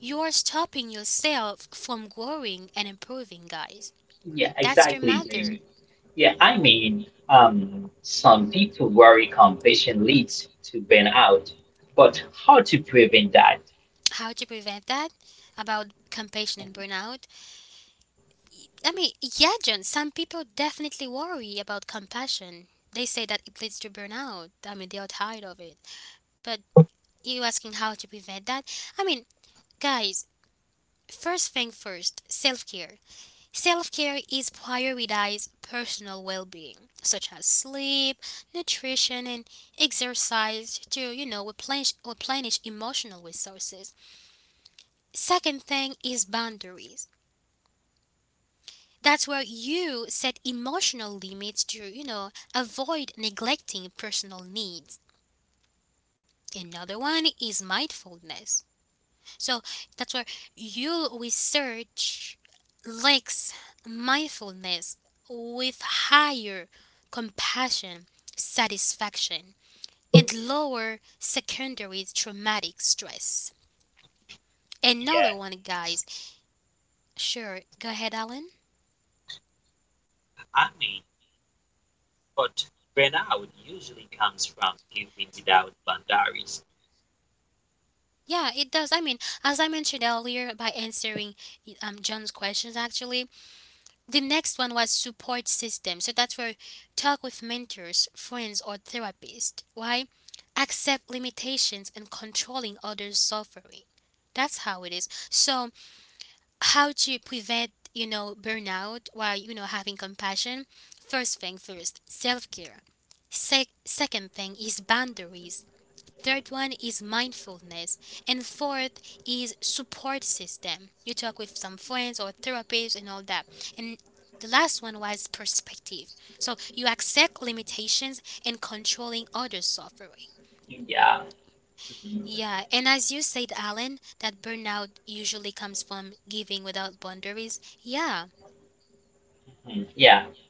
Speaker 1: You are stopping yourself from growing and improving, guys.
Speaker 2: Yeah,
Speaker 1: That's the
Speaker 2: exactly, Jamie.
Speaker 1: matter.
Speaker 2: Yeah, I mean, some people worry compassion leads to burnout, but how to prevent that?
Speaker 1: How to prevent that? About compassion and burnout? I mean, yeah, John, some people definitely worry about compassion. They say that it leads to burnout. I mean, they are tired of it. But you asking how to prevent that? I mean, guys, first thing first, self care. Self care is prioritize personal well being, such as sleep, nutrition, and exercise to, you know, replenish emotional resources. Second thing is boundaries. That's where you set emotional limits to, you know, avoid neglecting personal needs. Another one is mindfulness. So that's where you research links mindfulness with higher compassion, satisfaction, and lower secondary traumatic stress. Another
Speaker 3: Yeah,
Speaker 1: one, guys. Sure, go ahead, Alan.
Speaker 3: I mean, but burnout usually comes from giving without boundaries.
Speaker 1: Yeah, it does. I mean, as I mentioned earlier, by answering John's questions, actually, the next one was support system. So that's where talk with mentors, friends, or therapist. Why? Accept limitations and controlling others' suffering. That's how it is. So, how to prevent, you know, burnout while, you know, having compassion? First thing first, self care. Second thing is boundaries. Third one is mindfulness. And fourth is support system. You talk with some friends or therapists and all that. And the last one was perspective. So you accept limitations and controlling others' suffering.
Speaker 2: Yeah. Mhm.
Speaker 1: Yeah, and as you said, Alan, that burnout usually comes from giving without boundaries. Yeah,
Speaker 2: Yeah.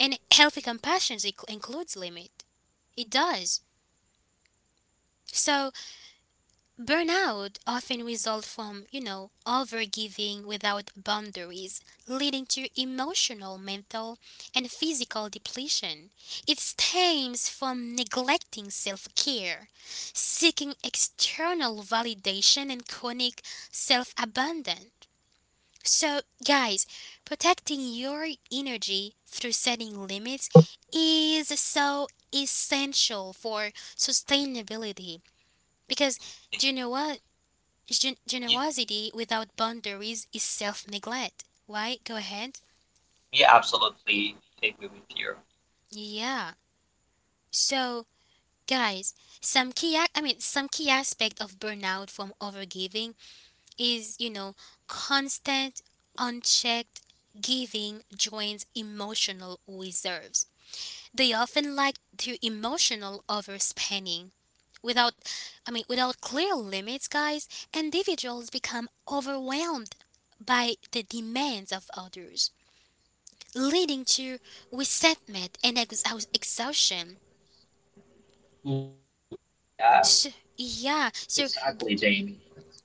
Speaker 1: and healthy compassion includes limit. It does. So burnout often results from, you know, overgiving without boundaries, leading to emotional, mental, and physical depletion. It stems from neglecting self care, seeking external validation, and chronic self abandon. So, guys, protecting your energy through setting limits is so essential for sustainability because do you know what?
Speaker 3: Yeah,
Speaker 1: Generosity without boundaries is self neglect. Why? Go ahead.
Speaker 3: we absolutely agree with you.
Speaker 1: Yeah. So, guys, I mean some key aspect of burnout from overgiving is, you know, constant unchecked giving joins emotional reserves. They often like to emotional overspending without without clear limits guys individuals become overwhelmed by the demands of others leading to resentment and exhaustion.
Speaker 2: Mhm. Yeah.
Speaker 1: So, yeah, so
Speaker 2: Exactly, Jamie.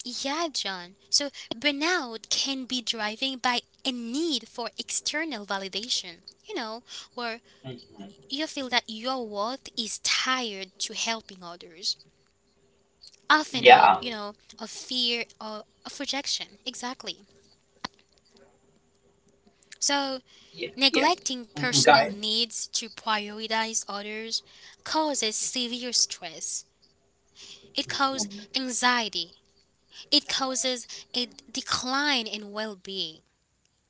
Speaker 1: yeah, John. So burnout can be driven by a need for external validation, you know, where
Speaker 2: Mhm.
Speaker 1: you feel that your worth is tied to helping others, often out,
Speaker 2: Yeah.
Speaker 1: you know, of fear or of rejection. Exactly. So,
Speaker 2: Yeah. Yeah.
Speaker 1: neglecting
Speaker 2: Mhm,
Speaker 1: personal
Speaker 2: guys.
Speaker 1: needs to prioritize others causes severe stress. It causes
Speaker 2: Mhm.
Speaker 1: anxiety. It causes a decline in well being.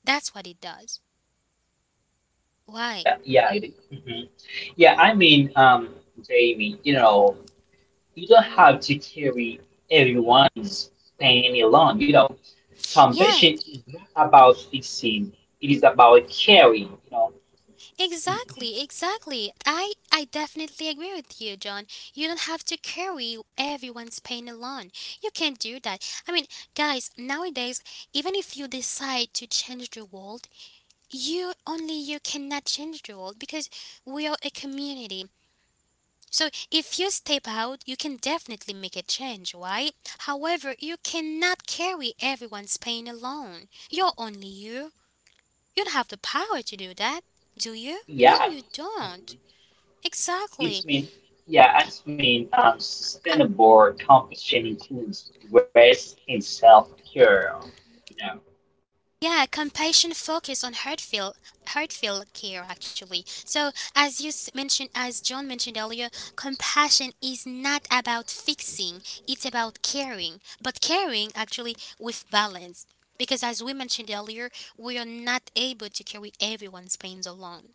Speaker 1: That's what it does. Why?
Speaker 2: Yeah. Yeah. It, is. Mhm. Yeah. I mean, Jamie, you know, you don't
Speaker 1: Hmm.
Speaker 2: have to carry everyone's pain alone. You know,
Speaker 1: Yeah,
Speaker 2: compassion is not about fixing. It is about caring. You know. Mhm.
Speaker 1: exactly. I definitely agree with you, John. You don't have to carry everyone's pain alone. You can't do that. I mean, guys, nowadays, even if you decide to change the world, you cannot change the world because we are a community. So if you step out, you can definitely make a change, right? However, you cannot carry everyone's pain alone. You're only you. You don't have the power to do that, do you? No,
Speaker 2: Yeah.
Speaker 1: you
Speaker 2: Mhm.
Speaker 1: don't. Exactly.
Speaker 2: It's mean, yeah, it's mean
Speaker 1: I,
Speaker 2: sustainable composition includes waste and self-care. You know,
Speaker 1: yeah, compassion focus on heartfelt care actually. So as you mentioned, as John mentioned earlier, compassion is not about fixing; it's about caring. But caring actually with balance, because as we mentioned earlier, we are not able to carry everyone's pains alone.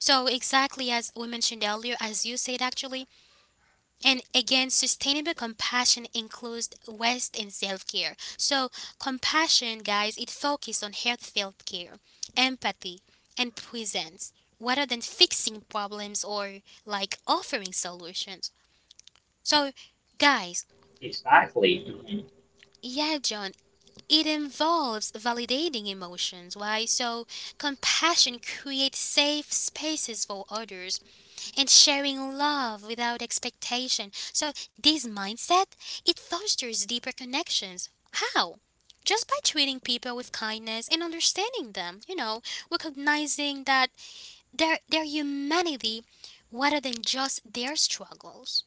Speaker 1: So exactly as we mentioned earlier, as you said actually, and again, sustainable compassion includes waste and self care. So, compassion, guys, it focuses on heartfelt care, empathy, and presence rather than fixing problems or like offering solutions. So, guys,
Speaker 2: exactly. Mhm.
Speaker 1: yeah, John, it involves validating emotions, right? So, compassion creates safe spaces for others and sharing love without expectation. So this mindset, it fosters deeper connections. How? Just by treating people with kindness and understanding them, you know, recognizing that their humanity rather than just their struggles.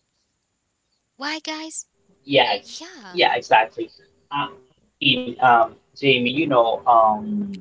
Speaker 1: Why guys?
Speaker 2: Yeah,
Speaker 1: Yeah.
Speaker 2: yeah, exactly. Um, in Jamie, you know.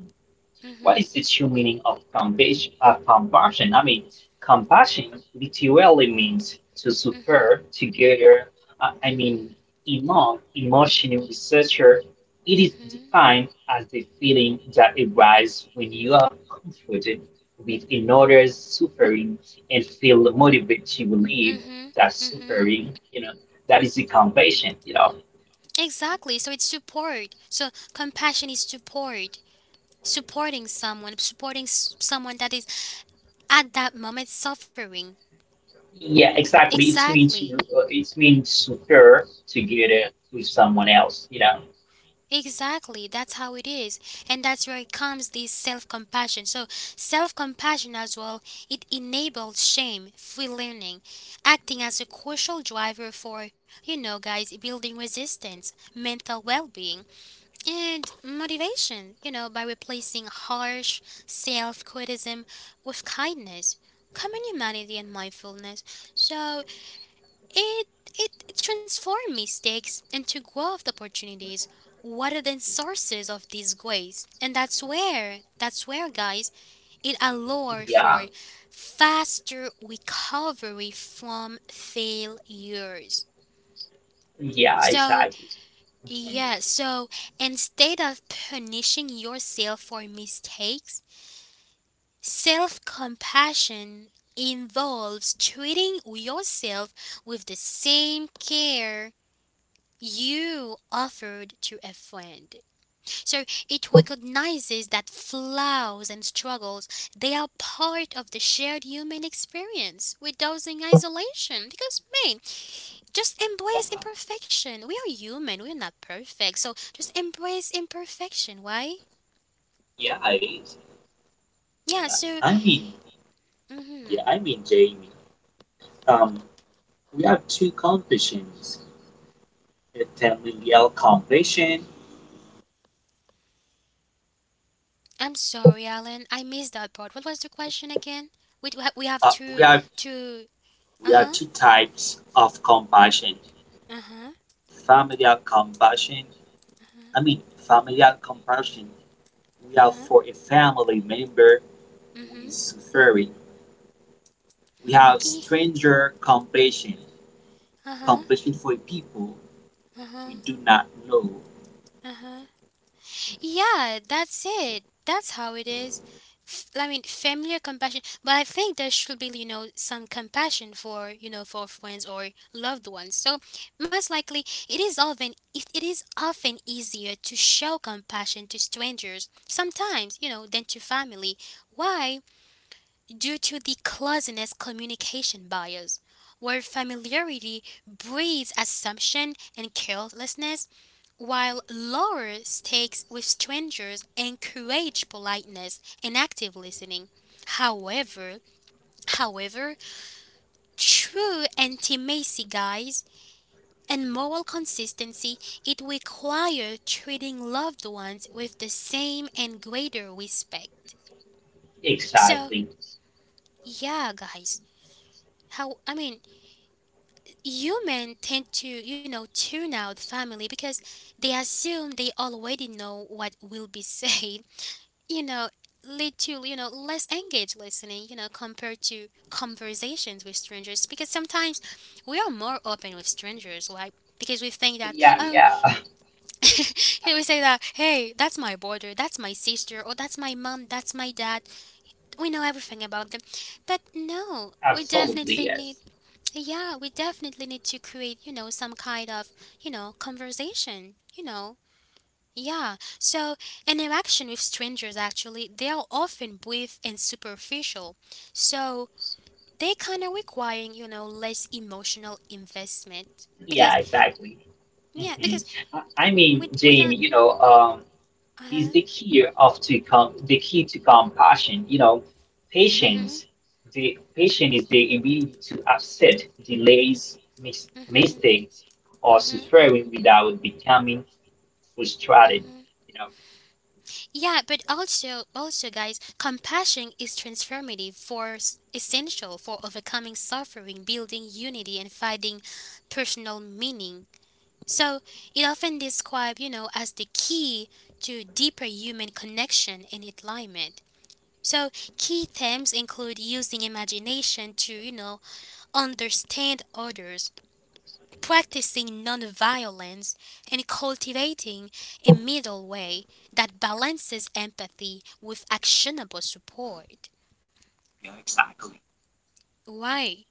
Speaker 2: What
Speaker 1: Mhm.
Speaker 2: is the true meaning of compassion? Compassion? I mean, compassion literally means to
Speaker 1: Mhm.
Speaker 2: suffer together. I
Speaker 1: Mhm.
Speaker 2: mean, among emotional researcher, it is
Speaker 1: Mhm.
Speaker 2: defined as the feeling that arises when you are confronted with another's suffering and feel motivated to relieve
Speaker 1: Mhm.
Speaker 2: that
Speaker 1: Mhm.
Speaker 2: suffering. You know, that is the compassion. You know.
Speaker 1: Exactly. So it's support. So compassion is supporting someone supporting someone that is at that moment suffering.
Speaker 2: Yeah, exactly. It's mean to
Speaker 1: Exactly.
Speaker 2: it means to pair together with someone else, you know.
Speaker 1: Exactly. That's how it is. And that's where it comes this self compassion. So self compassion as well, it enables shame, free learning, acting as a crucial driver for, you know guys, building resistance, mental well being and motivation, you know, by replacing harsh self criticism with kindness, common humanity and mindfulness. So It it transforms mistakes into growth opportunities rather than sources of disgrace. And that's where guys it allows
Speaker 2: Yeah,
Speaker 1: for faster recovery from failures.
Speaker 2: yeah,
Speaker 1: So
Speaker 2: exactly, mm,
Speaker 1: yeah, so instead of punishing yourself for mistakes, self compassion involves treating yourself with the same care you offered to a friend. So it recognizes that flaws and struggles they are part of the shared human experience without in isolation. Because man, just
Speaker 3: Yeah,
Speaker 1: embrace imperfection. We are human, we're not perfect. So just embrace imperfection, why?
Speaker 3: yeah, it is.
Speaker 1: Yeah, so
Speaker 3: I mean,
Speaker 1: mhm.
Speaker 3: Jamie. Um, we have two completions: a familial completion.
Speaker 1: I'm sorry, Alan. I missed that part. What was the question again? We have
Speaker 3: Uh, we have
Speaker 1: to
Speaker 3: we have
Speaker 1: uh-huh.
Speaker 3: two types of compassion,
Speaker 1: Uh-huh.
Speaker 3: familial compassion. Familial compassion we have
Speaker 1: Uh-huh.
Speaker 3: for a family member who
Speaker 1: Mhm.
Speaker 3: is suffering. We have
Speaker 1: Huh.
Speaker 3: stranger compassion,
Speaker 1: Uh-huh.
Speaker 3: compassion for people
Speaker 1: Uh-huh.
Speaker 3: we do not know.
Speaker 1: Uh-huh. Yeah, that's it. That's how it is. I mean, familiar compassion, but I think there should be, some compassion for, for friends or loved ones. So, most likely, it is often easier to show compassion to strangers sometimes, you know, than to family. Why? Due to the closeness communication bias, where familiarity breeds assumption and carelessness while lower stakes with strangers encourage politeness and active listening. However, however, true intimacy guys and moral consistency, it requires treating loved ones with the same and greater respect. So,
Speaker 2: exactly.
Speaker 1: yeah guys, how I mean, human tend to, you know, tune out family because they assume they already know what will be said, you know, lead to, you know, less engaged listening, you know, compared to conversations with strangers. Because sometimes we are more open with strangers, right? Because we think that,
Speaker 2: Yeah,
Speaker 1: oh,
Speaker 2: yeah,
Speaker 1: here we say that, hey, that's my brother, that's my sister, or that's my mom, that's my dad. We know everything about them. But no, we
Speaker 2: absolutely,
Speaker 1: definitely need,
Speaker 2: yes.
Speaker 1: yeah, we definitely need to create, you know, some kind of, you know, conversation, you know, yeah, so interaction with strangers actually, they are often brief and superficial. So they kind of requiring, you know, less emotional investment. Because,
Speaker 2: Yeah, exactly.
Speaker 1: yeah,
Speaker 2: Hmm.
Speaker 1: because
Speaker 2: I, I mean,
Speaker 1: with a,
Speaker 2: Jamie, you know, is
Speaker 1: uh-huh,
Speaker 2: the key of to the key to compassion. You know,
Speaker 1: mm-hmm,
Speaker 2: patience. The patient is the ability to accept delays,
Speaker 1: mm-hmm,
Speaker 2: mistakes, or
Speaker 1: mm-hmm.
Speaker 2: suffering without becoming frustrated. You know,
Speaker 1: Yeah, but also, also guys, compassion is transformative essential for overcoming suffering, building unity, and finding personal meaning. So it often described, you know, as the key to deeper human connection and alignment. So key themes include using imagination to, you know, understand others, practicing nonviolence, and cultivating a middle way that balances empathy with actionable support.
Speaker 3: Yeah, exactly.
Speaker 1: Why?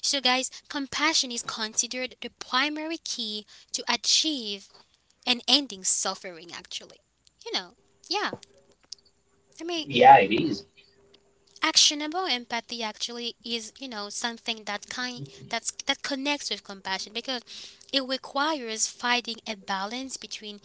Speaker 1: So guys, compassion is considered the primary key to achieve and ending suffering actually, you know, yeah, I mean,
Speaker 2: yeah, it is.
Speaker 1: actionable empathy actually is, you know, something that kind that's that connects with compassion because it requires finding a balance between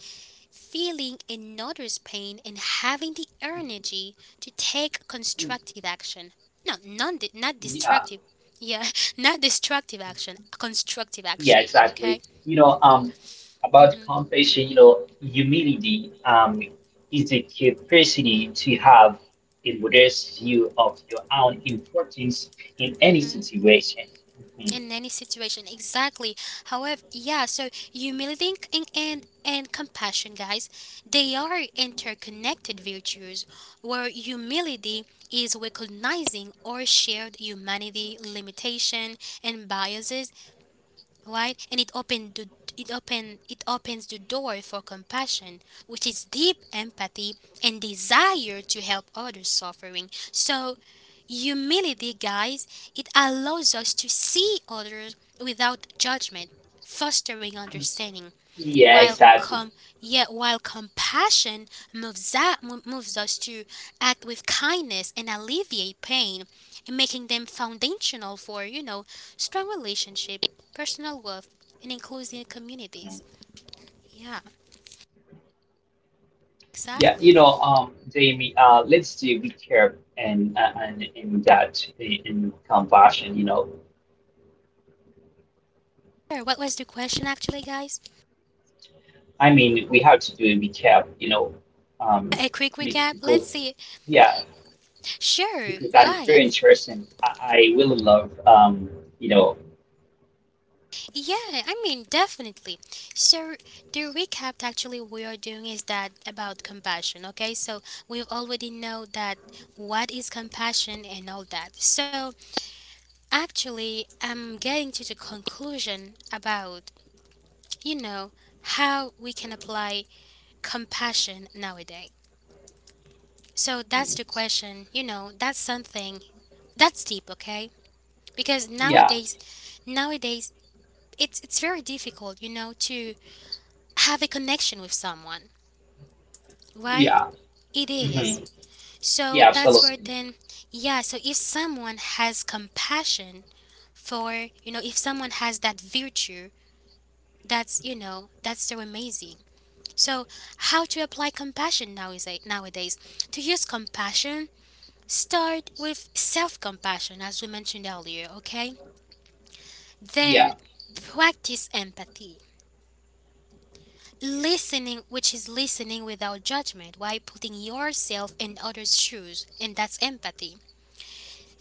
Speaker 1: feeling another's pain and having the energy to take constructive action. No non Not
Speaker 2: Yeah,
Speaker 1: destructive, yeah, not destructive action, constructive
Speaker 2: yeah,
Speaker 1: action,
Speaker 2: exactly.
Speaker 1: okay.
Speaker 2: You know, about
Speaker 1: Mhm.
Speaker 2: compassion, you know, humility, is the capacity to have a modest view of your own importance in any
Speaker 1: Mhm.
Speaker 2: situation. Mhm.
Speaker 1: In any situation, exactly. However, yeah, so humility and compassion guys, they are interconnected virtues where humility is recognizing our shared humanity, limitation, and biases, right? And it opened the it open it opens the door for compassion, which is deep empathy and desire to help others suffering. So humility, guys, it allows us to see others without judgment, fostering understanding,
Speaker 2: Yeah,
Speaker 1: while
Speaker 2: exactly.
Speaker 1: com- yet while compassion moves us to act with kindness and alleviate pain, and making them foundational for, you know, strong relationship, personal growth, and inclusive
Speaker 2: Mhm.
Speaker 1: communities. Yeah,
Speaker 2: Yeah,
Speaker 1: exactly.
Speaker 2: you know, Jamie, let's do recap and that in compassion. You know,
Speaker 1: Sure. What was the question actually, guys?
Speaker 2: I mean, we have to do a recap. You know, um,
Speaker 1: A quick
Speaker 2: be-
Speaker 1: recap.
Speaker 2: because
Speaker 1: Let's see.
Speaker 2: yeah.
Speaker 1: Sure.
Speaker 2: Because that is very
Speaker 1: Why?
Speaker 2: interesting. I really love, you know,
Speaker 1: Yeah, I mean, definitely. So, the recap actually we are doing is that about compassion, okay? So, we already know that what is compassion and all that. So, actually, I'm getting to the conclusion about, you know, how we can apply compassion nowadays. So, that's the question, you know, that's something that's deep, okay? Because
Speaker 2: yeah,
Speaker 1: nowadays, nowadays, it's very difficult, you know, to have a connection with someone, right?
Speaker 2: yeah,
Speaker 1: It
Speaker 2: hmm
Speaker 1: is. So
Speaker 2: yeah,
Speaker 1: that's where
Speaker 2: absolutely,
Speaker 1: then, yeah, so if someone has compassion for, you know, if someone has that virtue, that's, you know, that's so amazing. So how to apply compassion nowadays? Nowadays? To use compassion, start with self compassion, as we mentioned earlier, okay? Then
Speaker 2: yeah,
Speaker 1: practice empathy. Listening, which is listening without judgment, while putting yourself in others' shoes, and that's empathy.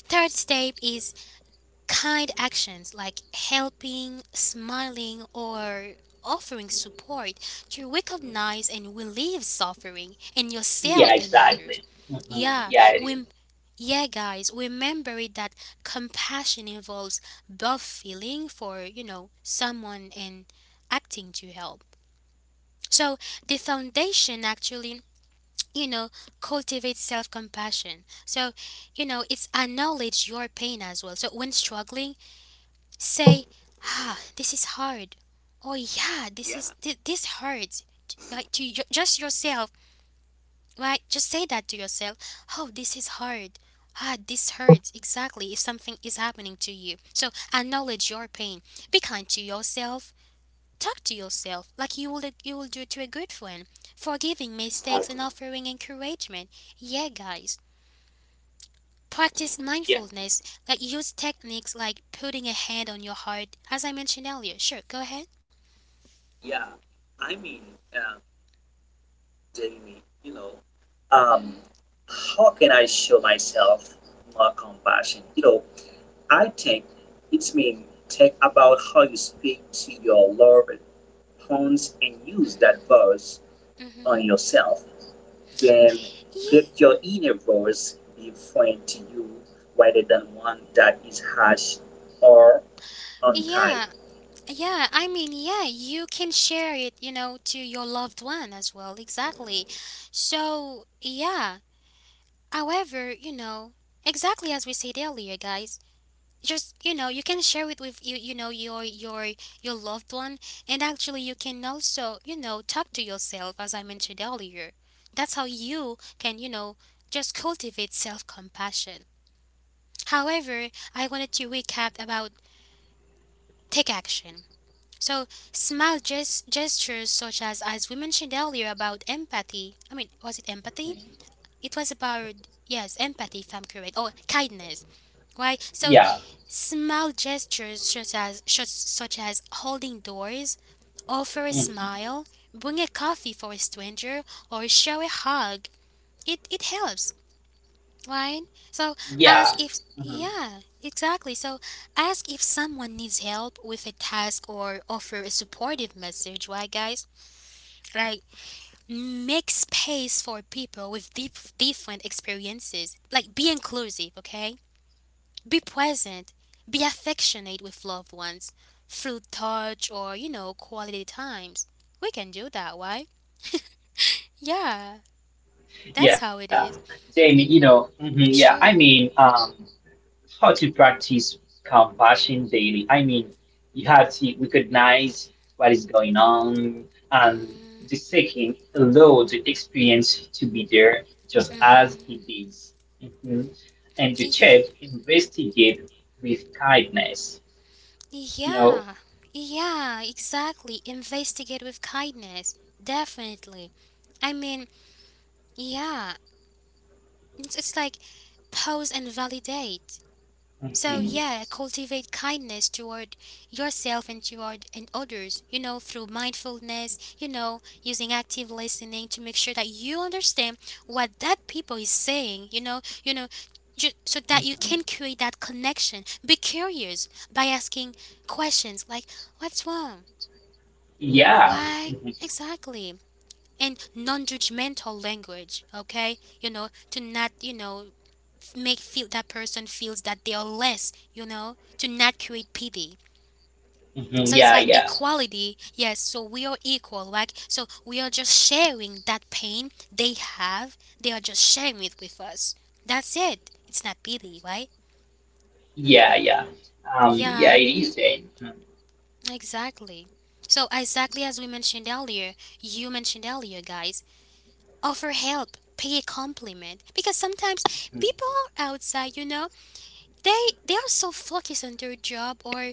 Speaker 1: Third step is kind actions like helping, smiling, or offering support to recognize and relieve suffering in
Speaker 2: yeah,
Speaker 1: yourself and others.
Speaker 2: exactly, hmm
Speaker 1: Yeah,
Speaker 2: yeah, it is.
Speaker 1: we yeah guys, remember it that compassion involves both feeling for, you know, someone and acting to help. So the foundation actually, you know, cultivates self compassion. So, you know, it's acknowledge your pain as well. So when struggling, say, ah, this is hard. Oh yeah, this hurts. Just yourself, right? Just say that to yourself. Oh, this is hard. Ah, this hurts, exactly, if something is happening to you. So acknowledge your pain. Be kind to yourself. Talk to yourself like you would you will do to a good friend, forgiving mistakes
Speaker 3: Exactly.
Speaker 1: and offering encouragement. Yeah, guys. Practice
Speaker 3: Yeah,
Speaker 1: mindfulness, like use techniques like putting a hand on your heart, as I mentioned earlier. Sure, go ahead.
Speaker 3: yeah. I mean, um, Jamie, um,
Speaker 1: Mhm.
Speaker 3: how can I show myself more compassion? You know, I think it means think about how you speak to your loved ones and use that voice
Speaker 1: Mhm.
Speaker 3: on yourself. Then
Speaker 1: Yeah.
Speaker 3: let your inner voice be friend to you rather than one that is harsh or unkind.
Speaker 1: Yeah. Yeah, I mean, yeah, you can share it, you know, to your loved one as well. Exactly. So, yeah. However, you know, exactly as we said earlier, guys, just you know you can share it with you know your your loved one, and actually you can also, you know, talk to yourself as I mentioned earlier. That's how you can, you know, just cultivate self-compassion. However, I wanted to recap about take action. So, gestures such as we mentioned earlier about empathy. I mean, was it empathy?
Speaker 2: Mhm.
Speaker 1: It was about, yes, empathy, if I'm correct, or kindness. Why? So
Speaker 2: Yeah,
Speaker 1: small gestures such as holding doors, offer a
Speaker 2: hmm
Speaker 1: smile, bring a coffee for a stranger, or show a hug. It helps, right? So
Speaker 2: yeah,
Speaker 1: ask if,
Speaker 2: hmm
Speaker 1: yeah, exactly. So ask if someone needs help with a task or offer a supportive message. Why, guys? Like, make space for people with deep, different experiences. Like, be inclusive, okay? Be present, be affectionate with loved ones through touch or, you know, quality times. We can do that, why? Yeah, that's how it
Speaker 2: yeah.
Speaker 1: is.
Speaker 2: Jamie, you know, hmm yeah. I
Speaker 1: Sure.
Speaker 2: mean, how to practice compassion daily. I mean, you have to recognize what is going on, and
Speaker 1: Mm,
Speaker 2: the second, allow the experience to be there just as it
Speaker 1: mm-hmm.
Speaker 2: is. Mhm. And the third, investigate with kindness. You know,
Speaker 1: Yeah, yeah, exactly. Investigate with kindness. Definitely. I mean, yeah, it's like pause and validate. So
Speaker 2: mhm.
Speaker 1: yeah, cultivate kindness toward yourself and toward and others, you know, through mindfulness, you know, using active listening to make sure that you understand what that people is saying, you know, so that you
Speaker 2: Mhm.
Speaker 1: can create that connection. Be curious by asking questions like, what's wrong?
Speaker 2: Yeah,
Speaker 1: Why?
Speaker 2: mhm.
Speaker 1: Exactly, and non-judgmental language, okay, you know, to not, you know, make feel that person feels that they are less, you know, to not create pity.
Speaker 2: Mhm.
Speaker 1: So it's
Speaker 2: Yeah,
Speaker 1: like
Speaker 2: yeah,
Speaker 1: equality, yes, so we are equal, like, so we are just sharing that pain they have. They are just sharing it with us. That's it. It's not pity, right?
Speaker 2: yeah, yeah. Yeah,
Speaker 1: Yeah,
Speaker 2: it is. Eh. Mhm.
Speaker 1: exactly. So exactly as we mentioned earlier, you mentioned earlier guys, offer help, pay a compliment because sometimes people outside, you know, they are so focused on their job or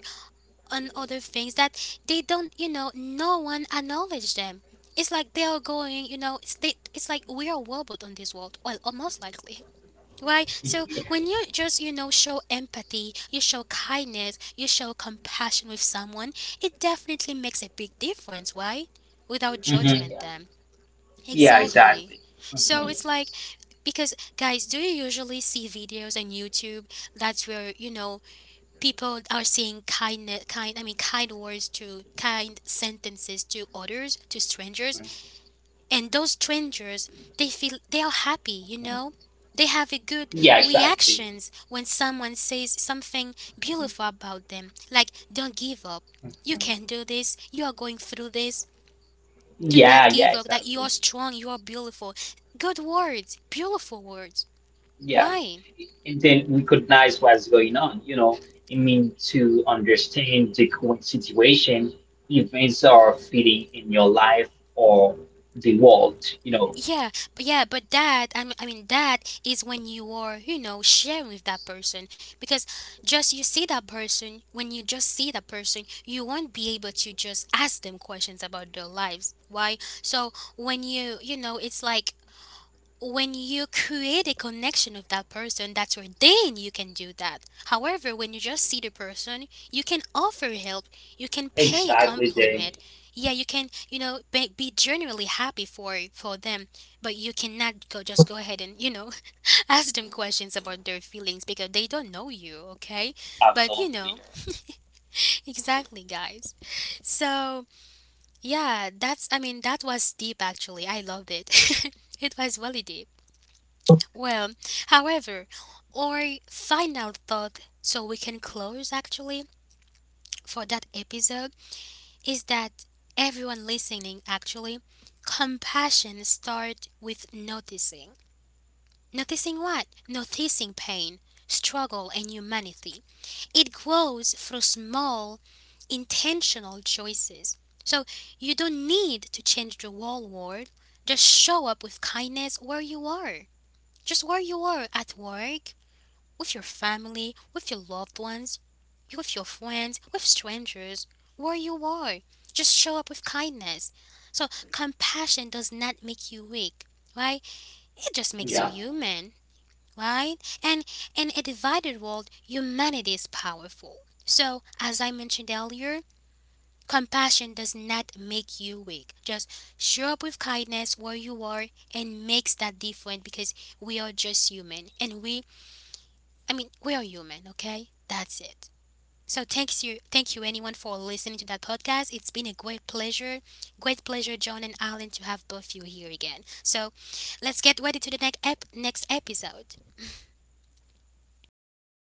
Speaker 1: on other things that they don't, you know, no one acknowledge them. It's like they are going, you know, it's they, it's like we are robot on this world, well, almost likely, right?
Speaker 2: Mhm.
Speaker 1: So
Speaker 2: Yeah,
Speaker 1: when you just, you know, show empathy, you show kindness, you show compassion with someone, it definitely makes a big difference, right? Without
Speaker 2: mhm.
Speaker 1: judgment them.
Speaker 2: Yeah,
Speaker 1: Exactly.
Speaker 2: exactly.
Speaker 1: So
Speaker 2: Mhm.
Speaker 1: it's like, because guys, do you usually see videos on YouTube? That's where, you know, people are saying kindness kind I mean kind words, to kind sentences to others, to strangers, and those strangers, they feel they are happy, you know? They have a good
Speaker 2: Yeah, exactly.
Speaker 1: reactions when someone says something beautiful about them, like, don't give up. You can do this. You are going through this. Do not
Speaker 2: Yeah, yeah,
Speaker 1: give up. Like, you are
Speaker 2: exactly.
Speaker 1: strong, you are beautiful. Good words, beautiful words.
Speaker 2: Yeah.
Speaker 1: Why?
Speaker 2: And then recognize what's going on, you know. I mean, to understand the current situation, events are fitting in your life or the world, you know.
Speaker 1: Yeah, yeah, but that, I mean that is when you are, you know, sharing with that person, because just you see that person, when you just see that person, you won't be able to just ask them questions about their lives. Why? So when you know, it's like when you create a connection with that person, that's where then you can do that. However, when you just see the person, you can offer help, you can pay a
Speaker 2: Exactly, Jamie.
Speaker 1: compliment. Yeah, you can, you know, be generally happy for them, but you cannot go ahead and, you know, ask them questions about their feelings because they don't know you, okay? But, you
Speaker 3: Absolutely.
Speaker 1: know, exactly, guys. So, yeah, that's, I mean, that was deep actually. I loved it. It was really deep. Well, however, our final thought, so we can close actually for that episode, is that everyone listening actually, compassion starts with noticing. Noticing what? Noticing pain, struggle, and humanity. It grows through small, intentional choices. So you don't need to change the whole world. Just show up with kindness where you are. Just where you are at work, with your family, with your loved ones, with your friends, with strangers, where you are. Just show up with kindness. So, compassion does not make you weak, right? It just makes you
Speaker 2: Yeah.
Speaker 1: human, right? And in a divided world, humanity is powerful. So, as I mentioned earlier, compassion does not make you weak. Just show up with kindness where you are and makes that difference because we are just human and we are human, okay? That's it. So thanks you, thank you anyone for listening to that podcast. It's been a great pleasure, John and Alan, to have both you here again. So let's get ready to the next episode.